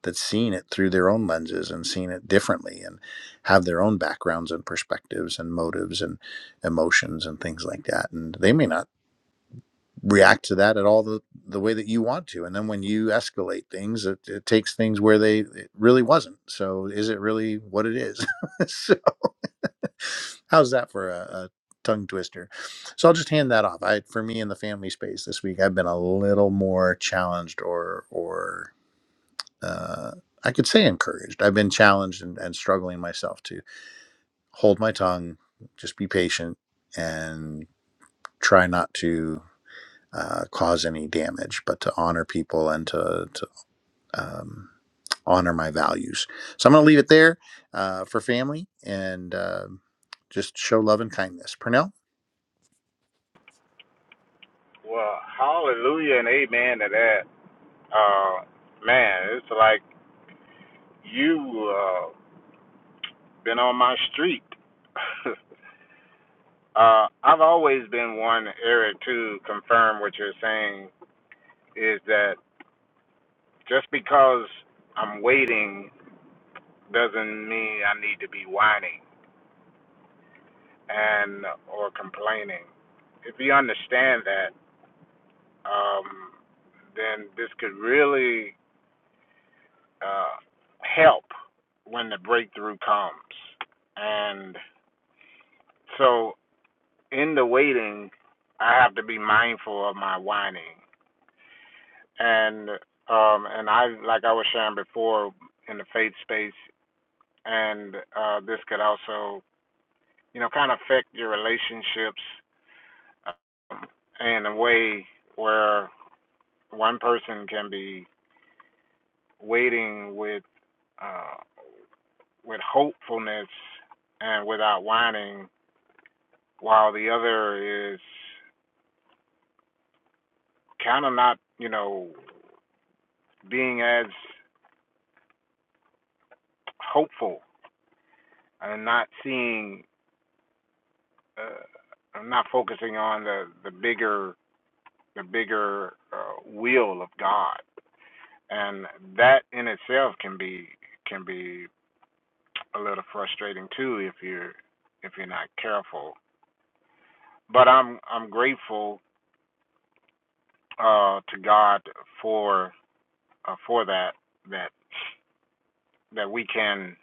Speaker 1: that's seeing it through their own lenses and seeing it differently and have their own backgrounds and perspectives and motives and emotions and things like that. And they may not react to that at all the, the way that you want to. And then when you escalate things, it, it takes things where they it really wasn't. So is it really what it is? so how's that for a, a tongue twister? So I'll just hand that off. I for me in the family space this week, I've been a little more challenged or or uh, I could say encouraged. I've been challenged and, and struggling myself to hold my tongue, just be patient and try not to. uh, cause any damage, but to honor people and to, to um, honor my values. So I'm going to leave it there uh, for family and uh, just show love and kindness. Purnell?
Speaker 2: Well, hallelujah and amen to that. Uh, man, it's like you uh been on my street. uh, I've always been one, Eric, to confirm what you're saying is that Just because I'm waiting doesn't mean I need to be whining and or complaining. If you understand that, um, then this could really uh, help when the breakthrough comes. And so, in the waiting, I have to be mindful of my whining. And um, and I like I was sharing before in the faith space, and uh, this could also you know, kind of affect your relationships uh, in a way where one person can be waiting with uh, with hopefulness and without whining, while the other is kind of not, you know, being as hopeful and not seeing, uh, not focusing on the the bigger the bigger uh, will of God, and that in itself can be can be a little frustrating too if you're if you're not careful. But I'm I'm grateful uh, to God for uh, for that that that we can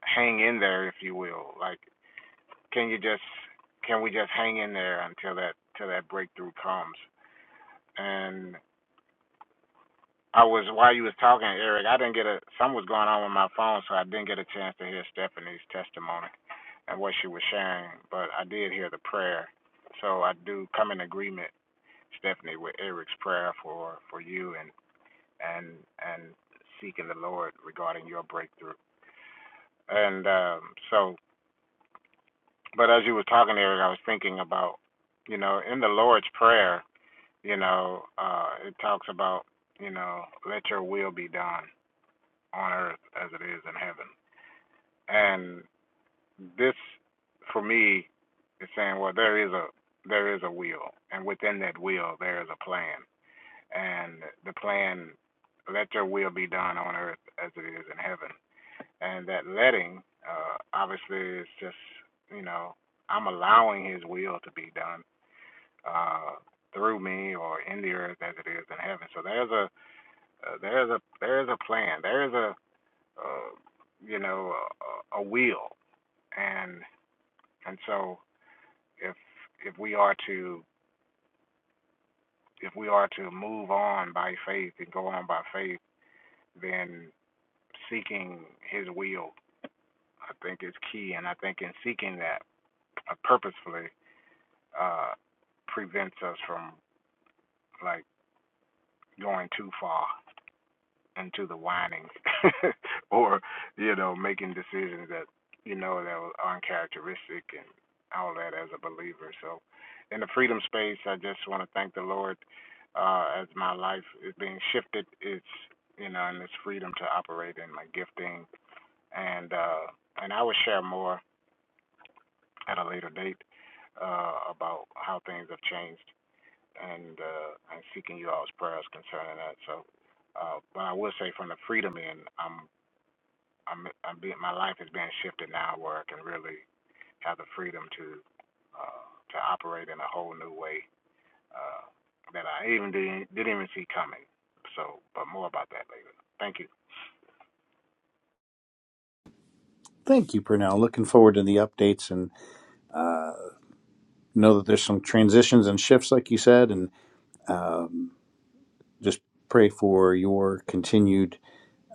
Speaker 2: hang in there, if you will. Like, can you just can we just hang in there until that till that breakthrough comes? And I was while you was talking, Eric, I didn't get a something was going on with my phone, so I didn't get a chance to hear Stephanie's testimony and what she was sharing. But I did hear the prayer, so I do come in agreement Stephanie with Eric's prayer for for you and and and seeking the Lord regarding your breakthrough. And um, so, but as you were talking, Eric, I was thinking about you know in the Lord's prayer, you know, uh, it talks about you know let your will be done on earth as it is in heaven. And this, for me, is saying well there is a there is a will, and within that will there is a plan and the plan, let your will be done on earth as it is in heaven. And that letting, uh, obviously, is just, you know, I'm allowing his will to be done uh, through me or in the earth as it is in heaven. So there's a, uh, there's a, there's a plan. There's a, uh, you know, a, a a will. And, and so if, if we are to, if we are to move on by faith and go on by faith, then seeking His will, I think, is key. And I think in seeking that uh, purposefully uh, prevents us from like going too far into the whinings or you know making decisions that you know that are uncharacteristic and all that as a believer. So in the freedom space, I just want to thank the Lord uh, as my life is being shifted. It's you know, and this freedom to operate in my gifting, and uh, and I will share more at a later date uh, about how things have changed and uh, and seeking you all's prayers concerning that. So, uh, but I will say from the freedom end, I'm I'm I'm being my life is being shifted now where I can really have the freedom to uh, to operate in a whole new way uh, that I even didn't didn't even see coming. So, but more about that later. Thank you.
Speaker 1: Thank you, Purnell. Looking forward to the updates and know that there's some transitions and shifts, like you said, and just pray for your continued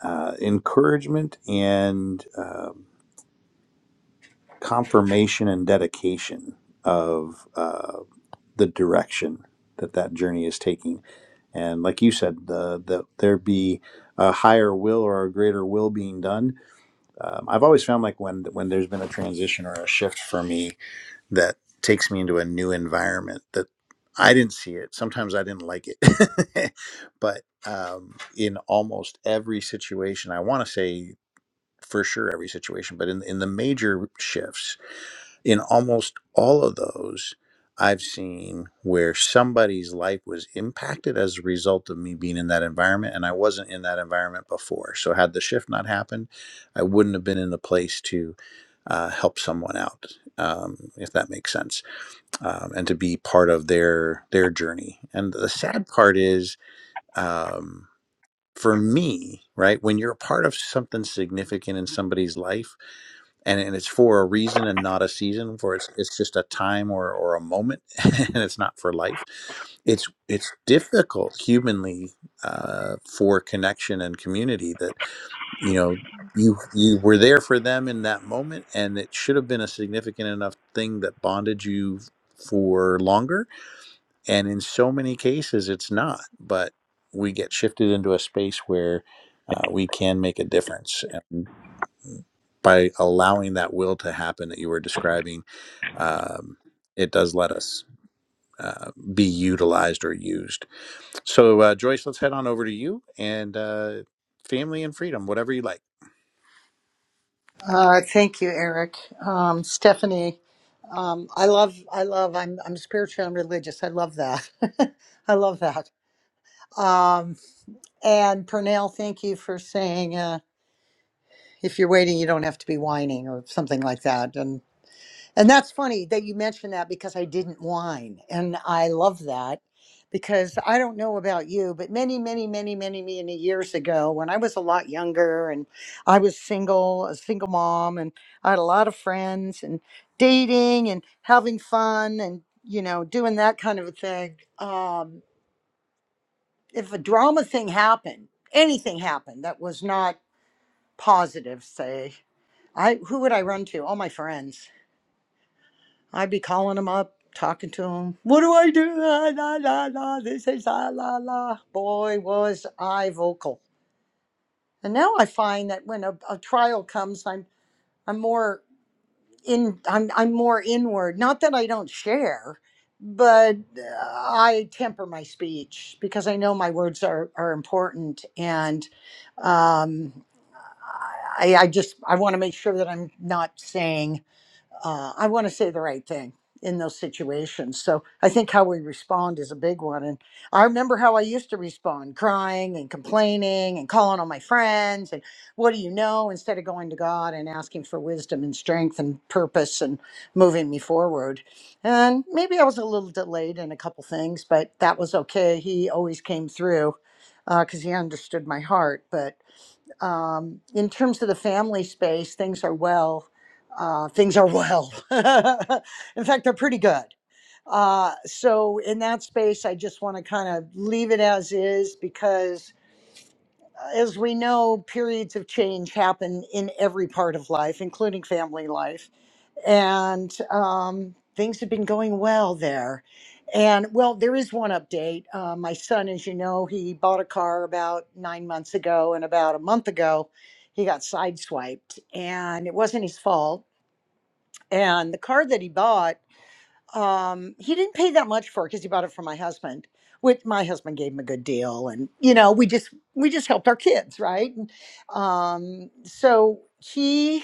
Speaker 1: uh, encouragement and um confirmation and dedication of. uh, the direction that that journey is taking. And like you said, the, the there be a higher will or a greater will being done. Um, I've always found like when when there's been a transition or a shift for me that takes me into a new environment that I didn't see it. Sometimes I didn't like it, but um, in almost every situation, I want to say for sure every situation, but in in the major shifts, in almost all of those, I've seen where somebody's life was impacted as a result of me being in that environment. And I wasn't in that environment before. So, had the shift not happened, I wouldn't have been in the place to uh, help someone out. Um, if that makes sense, um, and to be part of their their journey. And the sad part is, um, for me, right, when you're a part of something significant in somebody's life, and, and it's for a reason and not a season for it's it's just a time or, or a moment and it's not for life it's it's difficult humanly uh, for connection and community that you know you you were there for them in that moment and it should have been a significant enough thing that bonded you for longer and in so many cases it's not but we get shifted into a space where uh, we can make a difference by allowing that will to happen that you were describing, um, it does let us uh, be utilized or used. So, uh, Joyce, let's head on over to you and uh, family and freedom, whatever you like.
Speaker 3: Uh, thank you, Eric, um, Stephanie. Um, I love, I love. I'm, I'm spiritual and religious. I love that. I love that. Um, and Pernell, thank you for saying uh, if you're waiting, you don't have to be whining or something like that. And. And that's funny that you mentioned that because I didn't whine. And I love that because I don't know about you, but many, many, many, many, many years ago, when I was a lot younger and I was single, a single mom, and I had a lot of friends and dating and having fun and, you know, doing that kind of a thing. Um, if a drama thing happened, anything happened that was not positive, say, I who would I run to? All my friends I'd be calling them up, talking to them. What do I do? Ah, la la la. This is ah la la. Boy, was I vocal. And now I find that when a, a trial comes, I'm I'm more in. I'm I'm more inward. Not that I don't share, but uh, I temper my speech because I know my words are are important, and um, I, I just I want to make sure that I'm not saying uh, I want to say the right thing in those situations. So I think how we respond is a big one. And I remember how I used to respond, crying and complaining and calling on my friends and what do you know instead of going to God and asking for wisdom and strength and purpose and moving me forward. And maybe I was a little delayed in a couple things, but that was okay. He always came through because he understood my heart. But um, in terms of the family space, things are well. Uh, things are well. in fact, they're pretty good. Uh, so, in that space, I just want to kind of leave it as is because, uh, as we know, periods of change happen in every part of life, including family life and um, things have been going well there. And well, there is one update. Uh, my son, as you know, he bought a car about nine months ago, and about a month ago, he got sideswiped, and it wasn't his fault. And the car that he bought, um, he didn't pay that much for because he bought it from my husband. Which my husband gave him a good deal, and you know, we just we just helped our kids, right? And, um, so he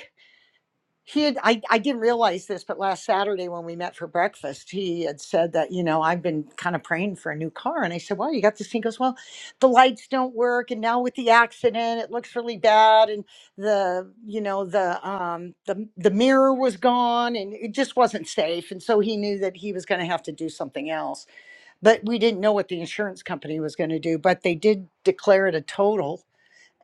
Speaker 3: he had I, I didn't realize this but last saturday when we met for breakfast he had said that you know i've been kind of praying for a new car and i said well you got this thing He goes well the lights don't work and now with the accident it looks really bad and the you know the um the, the mirror was gone and it just wasn't safe and so he knew that he was going to have to do something else but we didn't know what the insurance company was going to do but they did declare it a total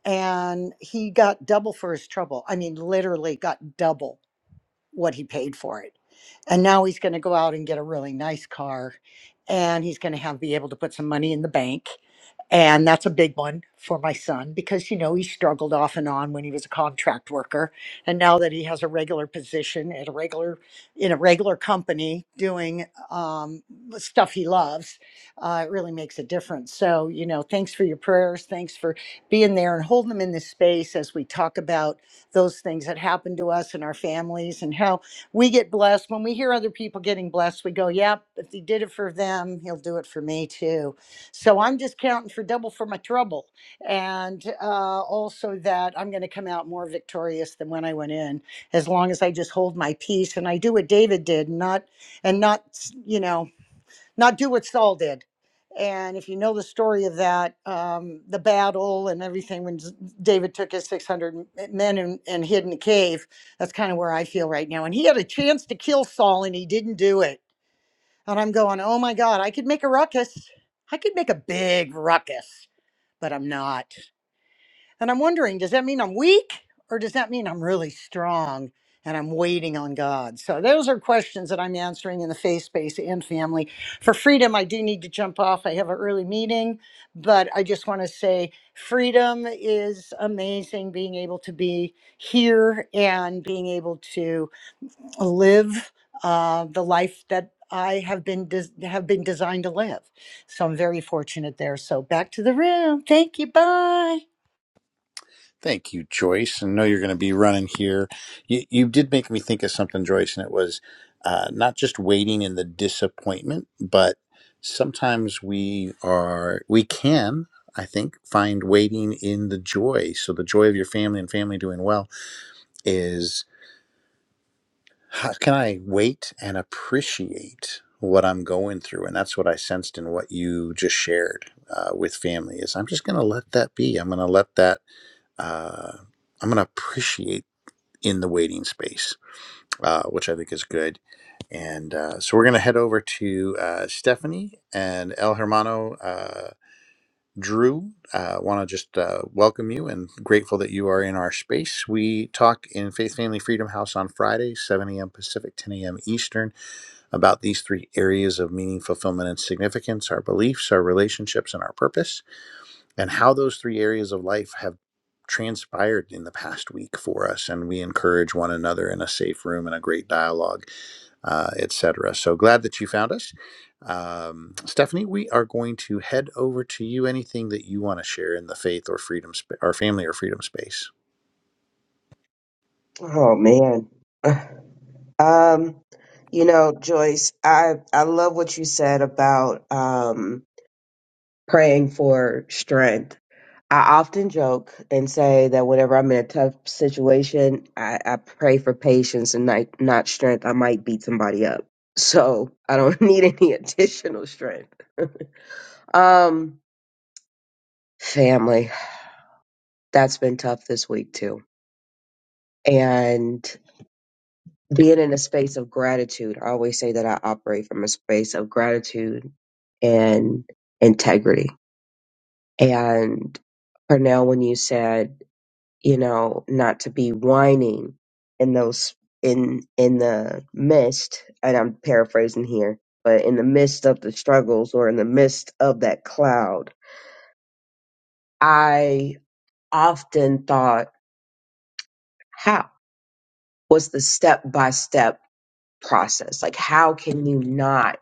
Speaker 3: and he got double for his trouble i mean literally got double what he paid for it. And now he's going to go out and get a really nice car and he's going to have be able to put some money in the bank. And that's a big one for my son because you know he struggled off and on when he was a contract worker and now that he has a regular position at a regular in a regular company doing um, stuff he loves, uh, it really makes a difference. So, you know, thanks for your prayers, thanks for being there and holding them in this space as we talk about those things that happen to us and our families and how we get blessed. When we hear other people getting blessed, we go, yep, if he did it for them, he'll do it for me too. So I'm just counting for double for my trouble. And uh, also that I'm going to come out more victorious than when I went in, as long as I just hold my peace and I do what David did, and not, and not, you know, not do what Saul did. And if you know the story of that, um, the battle and everything, when David took his 600 men and, and hid in a cave, that's kind of where I feel right now. And he had a chance to kill Saul and he didn't do it. And I'm going, oh my God, I could make a ruckus. I could make a big ruckus, but I'm not. And I'm wondering, does that mean I'm weak or does that mean I'm really strong and I'm waiting on God? So those are questions that I'm answering in the faith space and family. For freedom, I do need to jump off. I have an early meeting, but I just want to say freedom is amazing being able to be here and being able to live uh, the life that I have been des- have been designed to live. So I'm very fortunate there. So back to the room. Thank you. Bye.
Speaker 1: Thank you, Joyce. I know you're going to be running here. You, you did make me think of something, Joyce, and it was uh, not just waiting in the disappointment, but sometimes we are, we can, I think, find waiting in the joy. So, the joy of your family and family doing well is how can I wait and appreciate what I'm going through? And that's what I sensed in what you just shared uh, with family is I'm just going to let that be. I'm going to let that, uh, I'm going to appreciate in the waiting space, uh, which I think is good. And uh, so we're going to head over to uh, Stephanie and El Hermano. Uh, Drew, I uh, want to just uh, welcome you and grateful that you are in our space. We talk in Faith Family Freedom House on Friday, 7 a.m. Pacific, 10 a.m. Eastern, about these three areas of meaning, fulfillment, and significance our beliefs, our relationships, and our purpose and how those three areas of life have transpired in the past week for us and we encourage one another in a safe room and a great dialogue uh, et cetera. so glad that you found us um, stephanie we are going to head over to you anything that you want to share in the faith or freedom sp- or family or freedom space
Speaker 4: Oh man. Um, you know, Joyce, I I love what you said about um praying for strength I often joke and say that whenever I'm in a tough situation, I, I pray for patience and not, not strength. I might beat somebody up. So I don't need any additional strength. Um, family, that's been tough this week too. And being in a space of gratitude, I always say that I operate from a space of gratitude and integrity. And Pernell, when you said you know, not to be whining in those in in the midst, and I'm paraphrasing here, but in the midst of the struggles or in the midst of that cloud, I often thought, how was the step by step process? Like, how can you not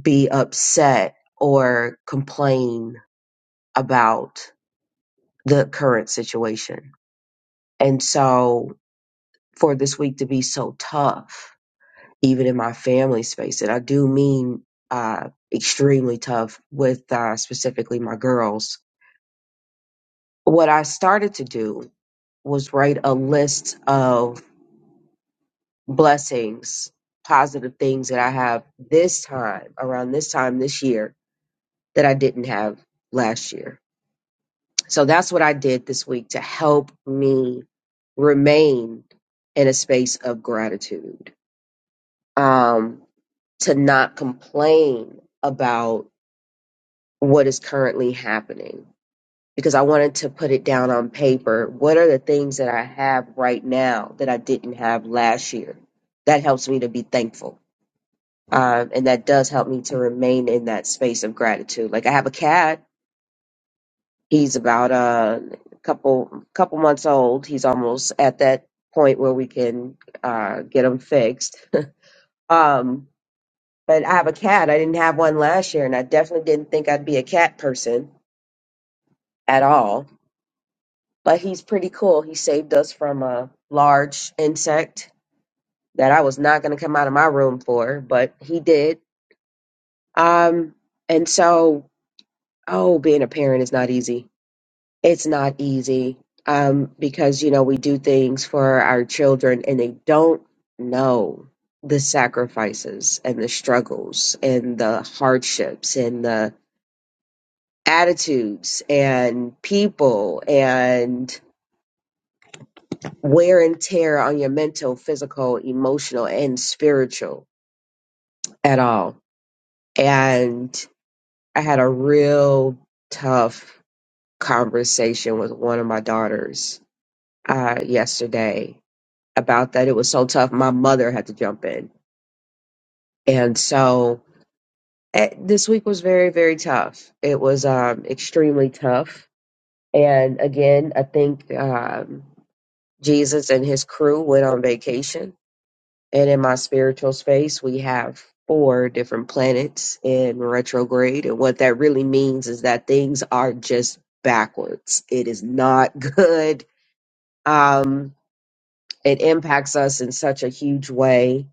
Speaker 4: be upset or complain about the current situation? And so for this week to be so tough even in my family space. And I do mean uh, extremely tough with uh, specifically my girls. What I started to do was write a list of blessings, positive things that I have this time, around this time this year, that I didn't have last year. So that's what I did this week to help me remain in a space of gratitude, um, to not complain about what is currently happening because I wanted to put it down on paper. What are the things that I have right now that I didn't have last year? That helps me to be thankful. Um, and that does help me to remain in that space of gratitude. Like I have a cat. He's about uh, a couple couple months old. He's almost at that point where we can uh, get him fixed. Um, but I have a cat. I didn't have one last year, and I definitely didn't think I'd be a cat person at all but he's pretty cool. He saved us from a large insect that I was not going to come out of my room for, but he did. Um, and so, oh, being a parent is not easy. It's not easy um, because, you know, we do things for our children and they don't know the sacrifices and the struggles and the hardships and the attitudes and people and wear and tear on your mental, physical, emotional, and spiritual at all. And I had a real tough conversation with one of my daughters uh, yesterday about that. It was so tough. My mother had to jump in. And so eh, this week was very, very tough. It was um, extremely tough. And again, I think um, Jesus and his crew went on vacation And in my spiritual space, we have four different planets in retrograde. And what that really means is that things are just backwards. It is not good. Um, it impacts us in such a huge way.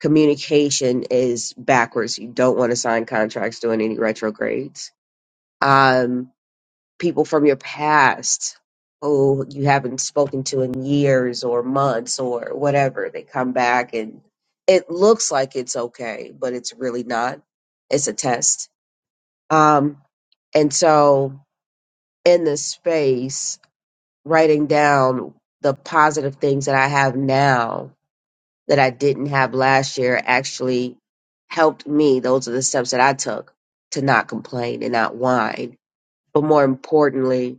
Speaker 4: Communication is backwards. You don't want to sign contracts doing any retrogrades. Um, people from your past who you haven't spoken to in years or months or whatever. They come back and it looks like it's okay, but it's really not. It's a test. Um, and so in this space, writing down the positive things that I have now that I didn't have last year actually helped me. Those are the steps that I took to not complain and not whine, but more importantly,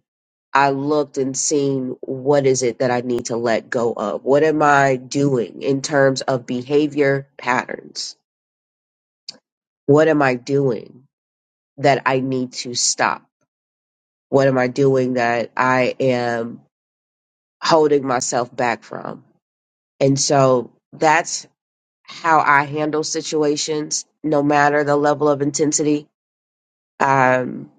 Speaker 4: I looked and seen what is it that I need to let go of? What am I doing in terms of behavior patterns? What am I doing that I need to stop? What am I doing that I am holding myself back from? And so that's how I handle situations, no matter the level of intensity. Um,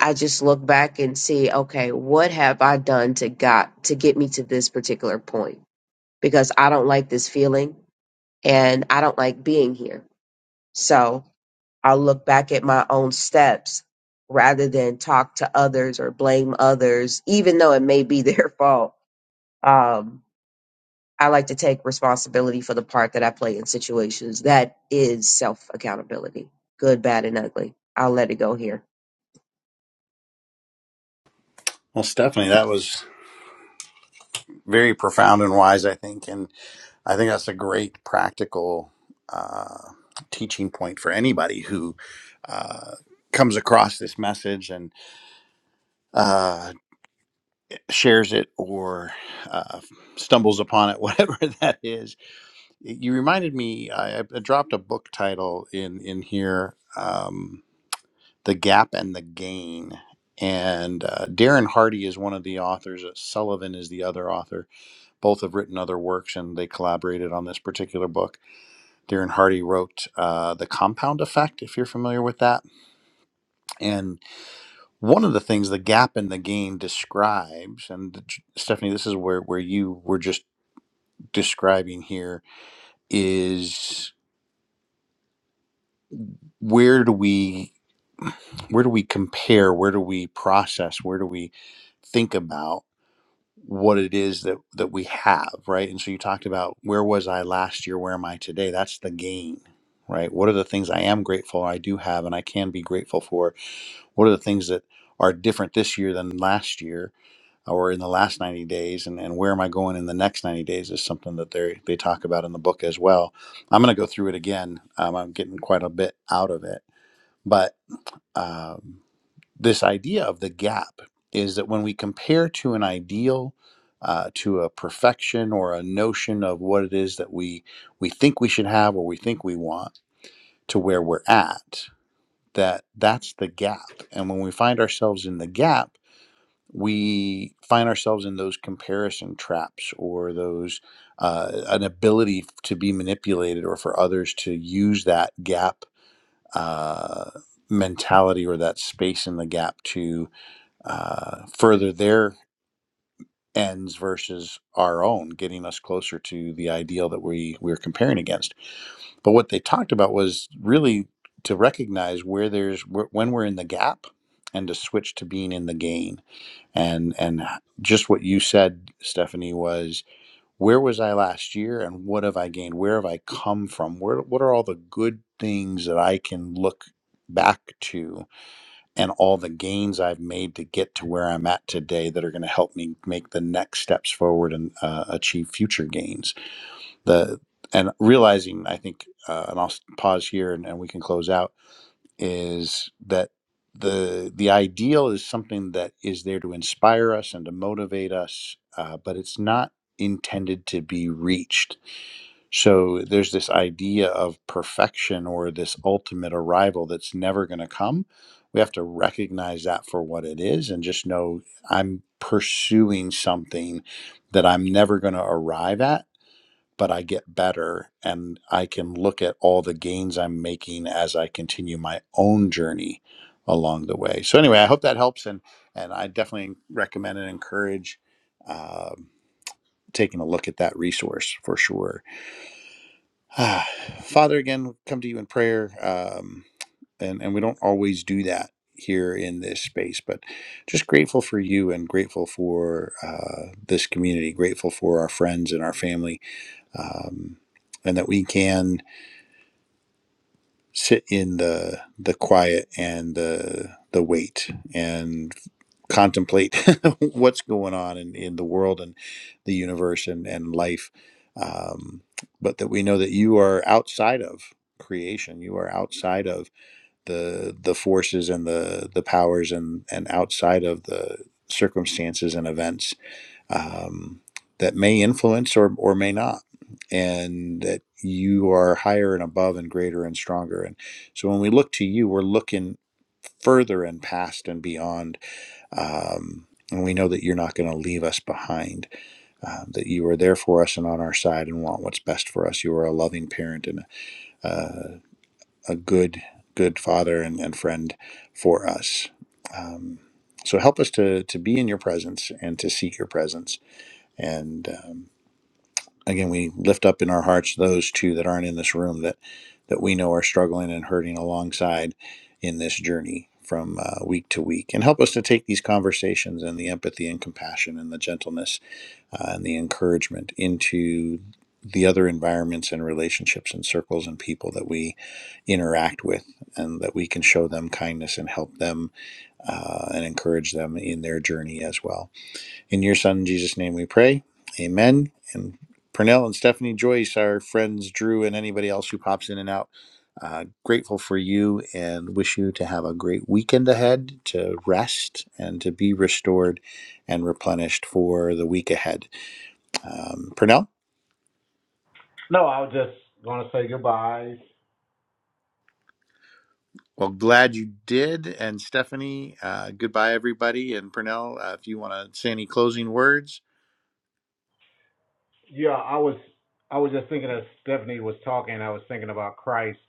Speaker 4: I just look back and see, okay, what have I done to got to get me to this particular point? because I don't like this feeling and I don't like being here. So I'll look back at my own steps rather than talk to others or blame others, even though it may be their fault. Um, I like to take responsibility for the part that I play in situations. That is self accountability, good, bad, and ugly. I'll let it go here.
Speaker 1: Well, Stephanie, that was very profound and wise, I think. And I think that's a great practical uh, teaching point for anybody who uh, comes across this message. and. uh, shares it or uh, stumbles upon it, whatever that is. You reminded me. I, I dropped a book title in in here, um, "The Gap and the Gain," and uh, Darren Hardy is one of the authors. uh, Sullivan is the other author. Both have written other works, and they collaborated on this particular book. Darren Hardy wrote uh, "The Compound Effect," if you're familiar with that, and One of the things the gap in the gain describes, and Stephanie, this is where, where you were just describing here, is where do we where do we compare, where do we process, where do we think about what it is that that we have, right? And so you talked about where was I last year, where am I today? That's the gain, right? What are the things I am grateful I do have and I can be grateful for? What are the things that are different this year than last year? or in the last 90 days and, and where am i going in the next 90 days is something that they they talk about in the book as well i'm going to go through it again um, i'm getting quite a bit out of it but um, this idea of the gap is that when we compare to an ideal uh, to a perfection or a notion of what it is that we we think we should have or we think we want to where we're at that that's the gap and when we find ourselves in the gap we find ourselves in those comparison traps or those uh, an ability to be manipulated or for others to use that gap uh, mentality or that space in the gap to uh, further their ends versus our own getting us closer to the ideal that we we're comparing against but what they talked about was really to recognize where there's wh- when we're in the gap and to switch to being in the gain and and just what you said stephanie was where was i last year and what have i gained where have i come from where what are all the good things that i can look back to and all the gains i've made to get to where i'm at today that are going to help me make the next steps forward and uh, achieve future gains the and realizing i think uh, and i'll pause here and, and we can close out is that the the ideal is something that is there to inspire us and to motivate us, uh, but it's not intended to be reached. So there's this idea of perfection or this ultimate arrival that's never going to come. We have to recognize that for what it is and just know I'm pursuing something that I'm never going to arrive at but I get better and I can look at all the gains I'm making as I continue my own journey along the way. So anyway, I hope that helps and and I definitely recommend and encourage um, taking a look at that resource for sure. Ah, Father, again, come to you in prayer, um, and and we don't always do that here in this space, but just grateful for you and grateful for uh, this community, grateful for our friends and our family um, and that we can sit in the the quiet and the the wait and contemplate what's going on in, in the world and the universe and, and life um, but that we know that you are outside of creation you are outside of the the forces and the the powers and and outside of the circumstances and events um, that may influence or, or may not, and that you are higher and above and greater and stronger. And so when we look to you, we're looking further and past and beyond. Um, and we know that you're not going to leave us behind, uh, that you are there for us and on our side and want what's best for us. You are a loving parent and uh, a good, good father and, and friend for us. Um, so help us to, to be in your presence and to seek your presence and um, again, we lift up in our hearts those two that aren't in this room that that we know are struggling and hurting alongside in this journey from uh, week to week, and help us to take these conversations and the empathy and compassion and the gentleness uh, and the encouragement into the other environments and relationships and circles and people that we interact with, and that we can show them kindness and help them uh, and encourage them in their journey as well. In your son Jesus' name we pray. Amen. And Purnell and Stephanie Joyce, our friends Drew and anybody else who pops in and out. Uh, grateful for you and wish you to have a great weekend ahead to rest and to be restored and replenished for the week ahead. Um, Purnell?
Speaker 2: No, I was just gonna say goodbye.
Speaker 1: Well, glad you did. And Stephanie, uh, goodbye, everybody. And Purnell, uh, if you want to say any closing words,
Speaker 2: Yeah, I was I was just thinking as Stephanie was talking, I was thinking about Christ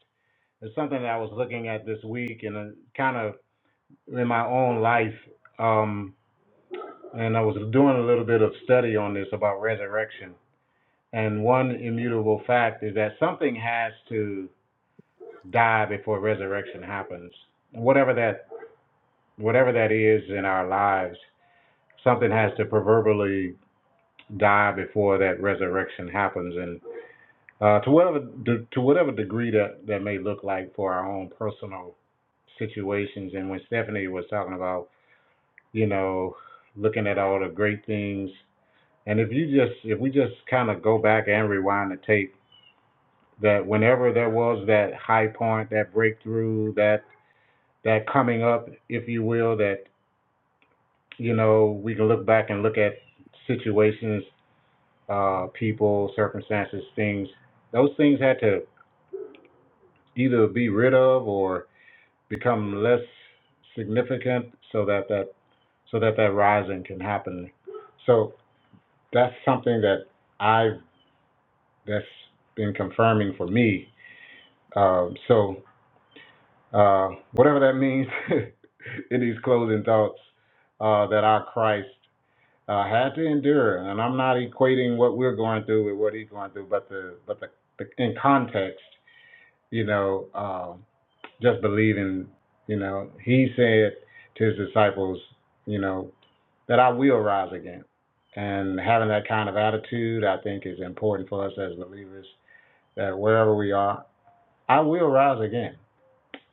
Speaker 2: It's something that I was looking at this week and kind of in my own life. Um, and I was doing a little bit of study on this about resurrection. And one immutable fact is that something has to die before resurrection happens. Whatever that whatever that is in our lives, something has to proverbially die before that resurrection happens. And Uh, to whatever de- to whatever degree that that may look like for our own personal situations. And when Stephanie was talking about, you know, looking at all the great things, and if you just if we just kind of go back and rewind the tape, that whenever there was that high point, that breakthrough, that that coming up, if you will, that you know we can look back and look at situations, uh, people, circumstances, things. Those things had to either be rid of or become less significant so that that so that that rising can happen. So that's something that I've that's been confirming for me. Um, so uh, whatever that means in these closing thoughts, uh, that our Christ uh, had to endure, and I'm not equating what we're going through with what he's going through, but the but the, the in context, you know, um just believing, you know, he said to his disciples, you know, that I will rise again. And having that kind of attitude, I think, is important for us as believers that wherever we are, I will rise again.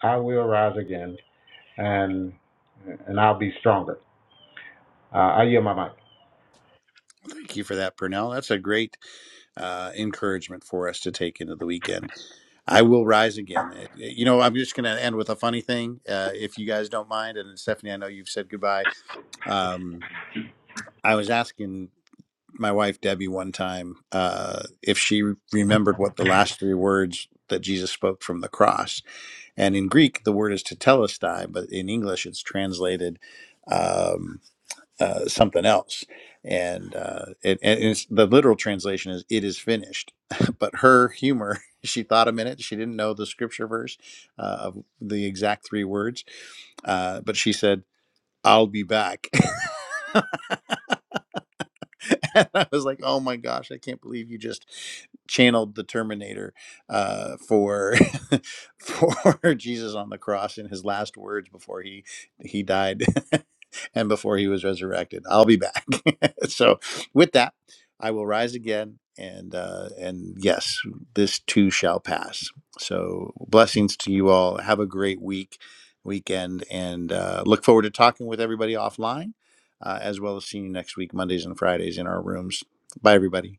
Speaker 2: I will rise again, and and I'll be stronger. Uh, I yield my mic.
Speaker 1: Thank you for that, Purnell. That's a great uh, encouragement for us to take into the weekend. I will rise again. It- it- You know, I'm just going to end with a funny thing, uh, if you guys don't mind. And Stephanie, I know you've said goodbye. Um, I was asking my wife Debbie one time uh, if she remembered what the last three words that Jesus spoke from the cross. And in Greek, the word is tetelestai, but in English, it's translated. Um, uh, something else. And uh, it, and it's, the literal translation is "it is finished." but her humor, she thought a minute. She didn't know the scripture verse uh, of the exact three words, uh, but she said, "I'll be back." and I was like, oh my gosh, I can't believe you just channeled the Terminator uh, for for Jesus on the cross in his last words before he he died and before he was resurrected. I'll be back. so with that, I will rise again, and uh, and yes, this too shall pass. So blessings to you all. Have a great week, weekend, and uh, look forward to talking with everybody offline uh, as well as seeing you next week, Mondays and Fridays in our rooms. Bye, everybody.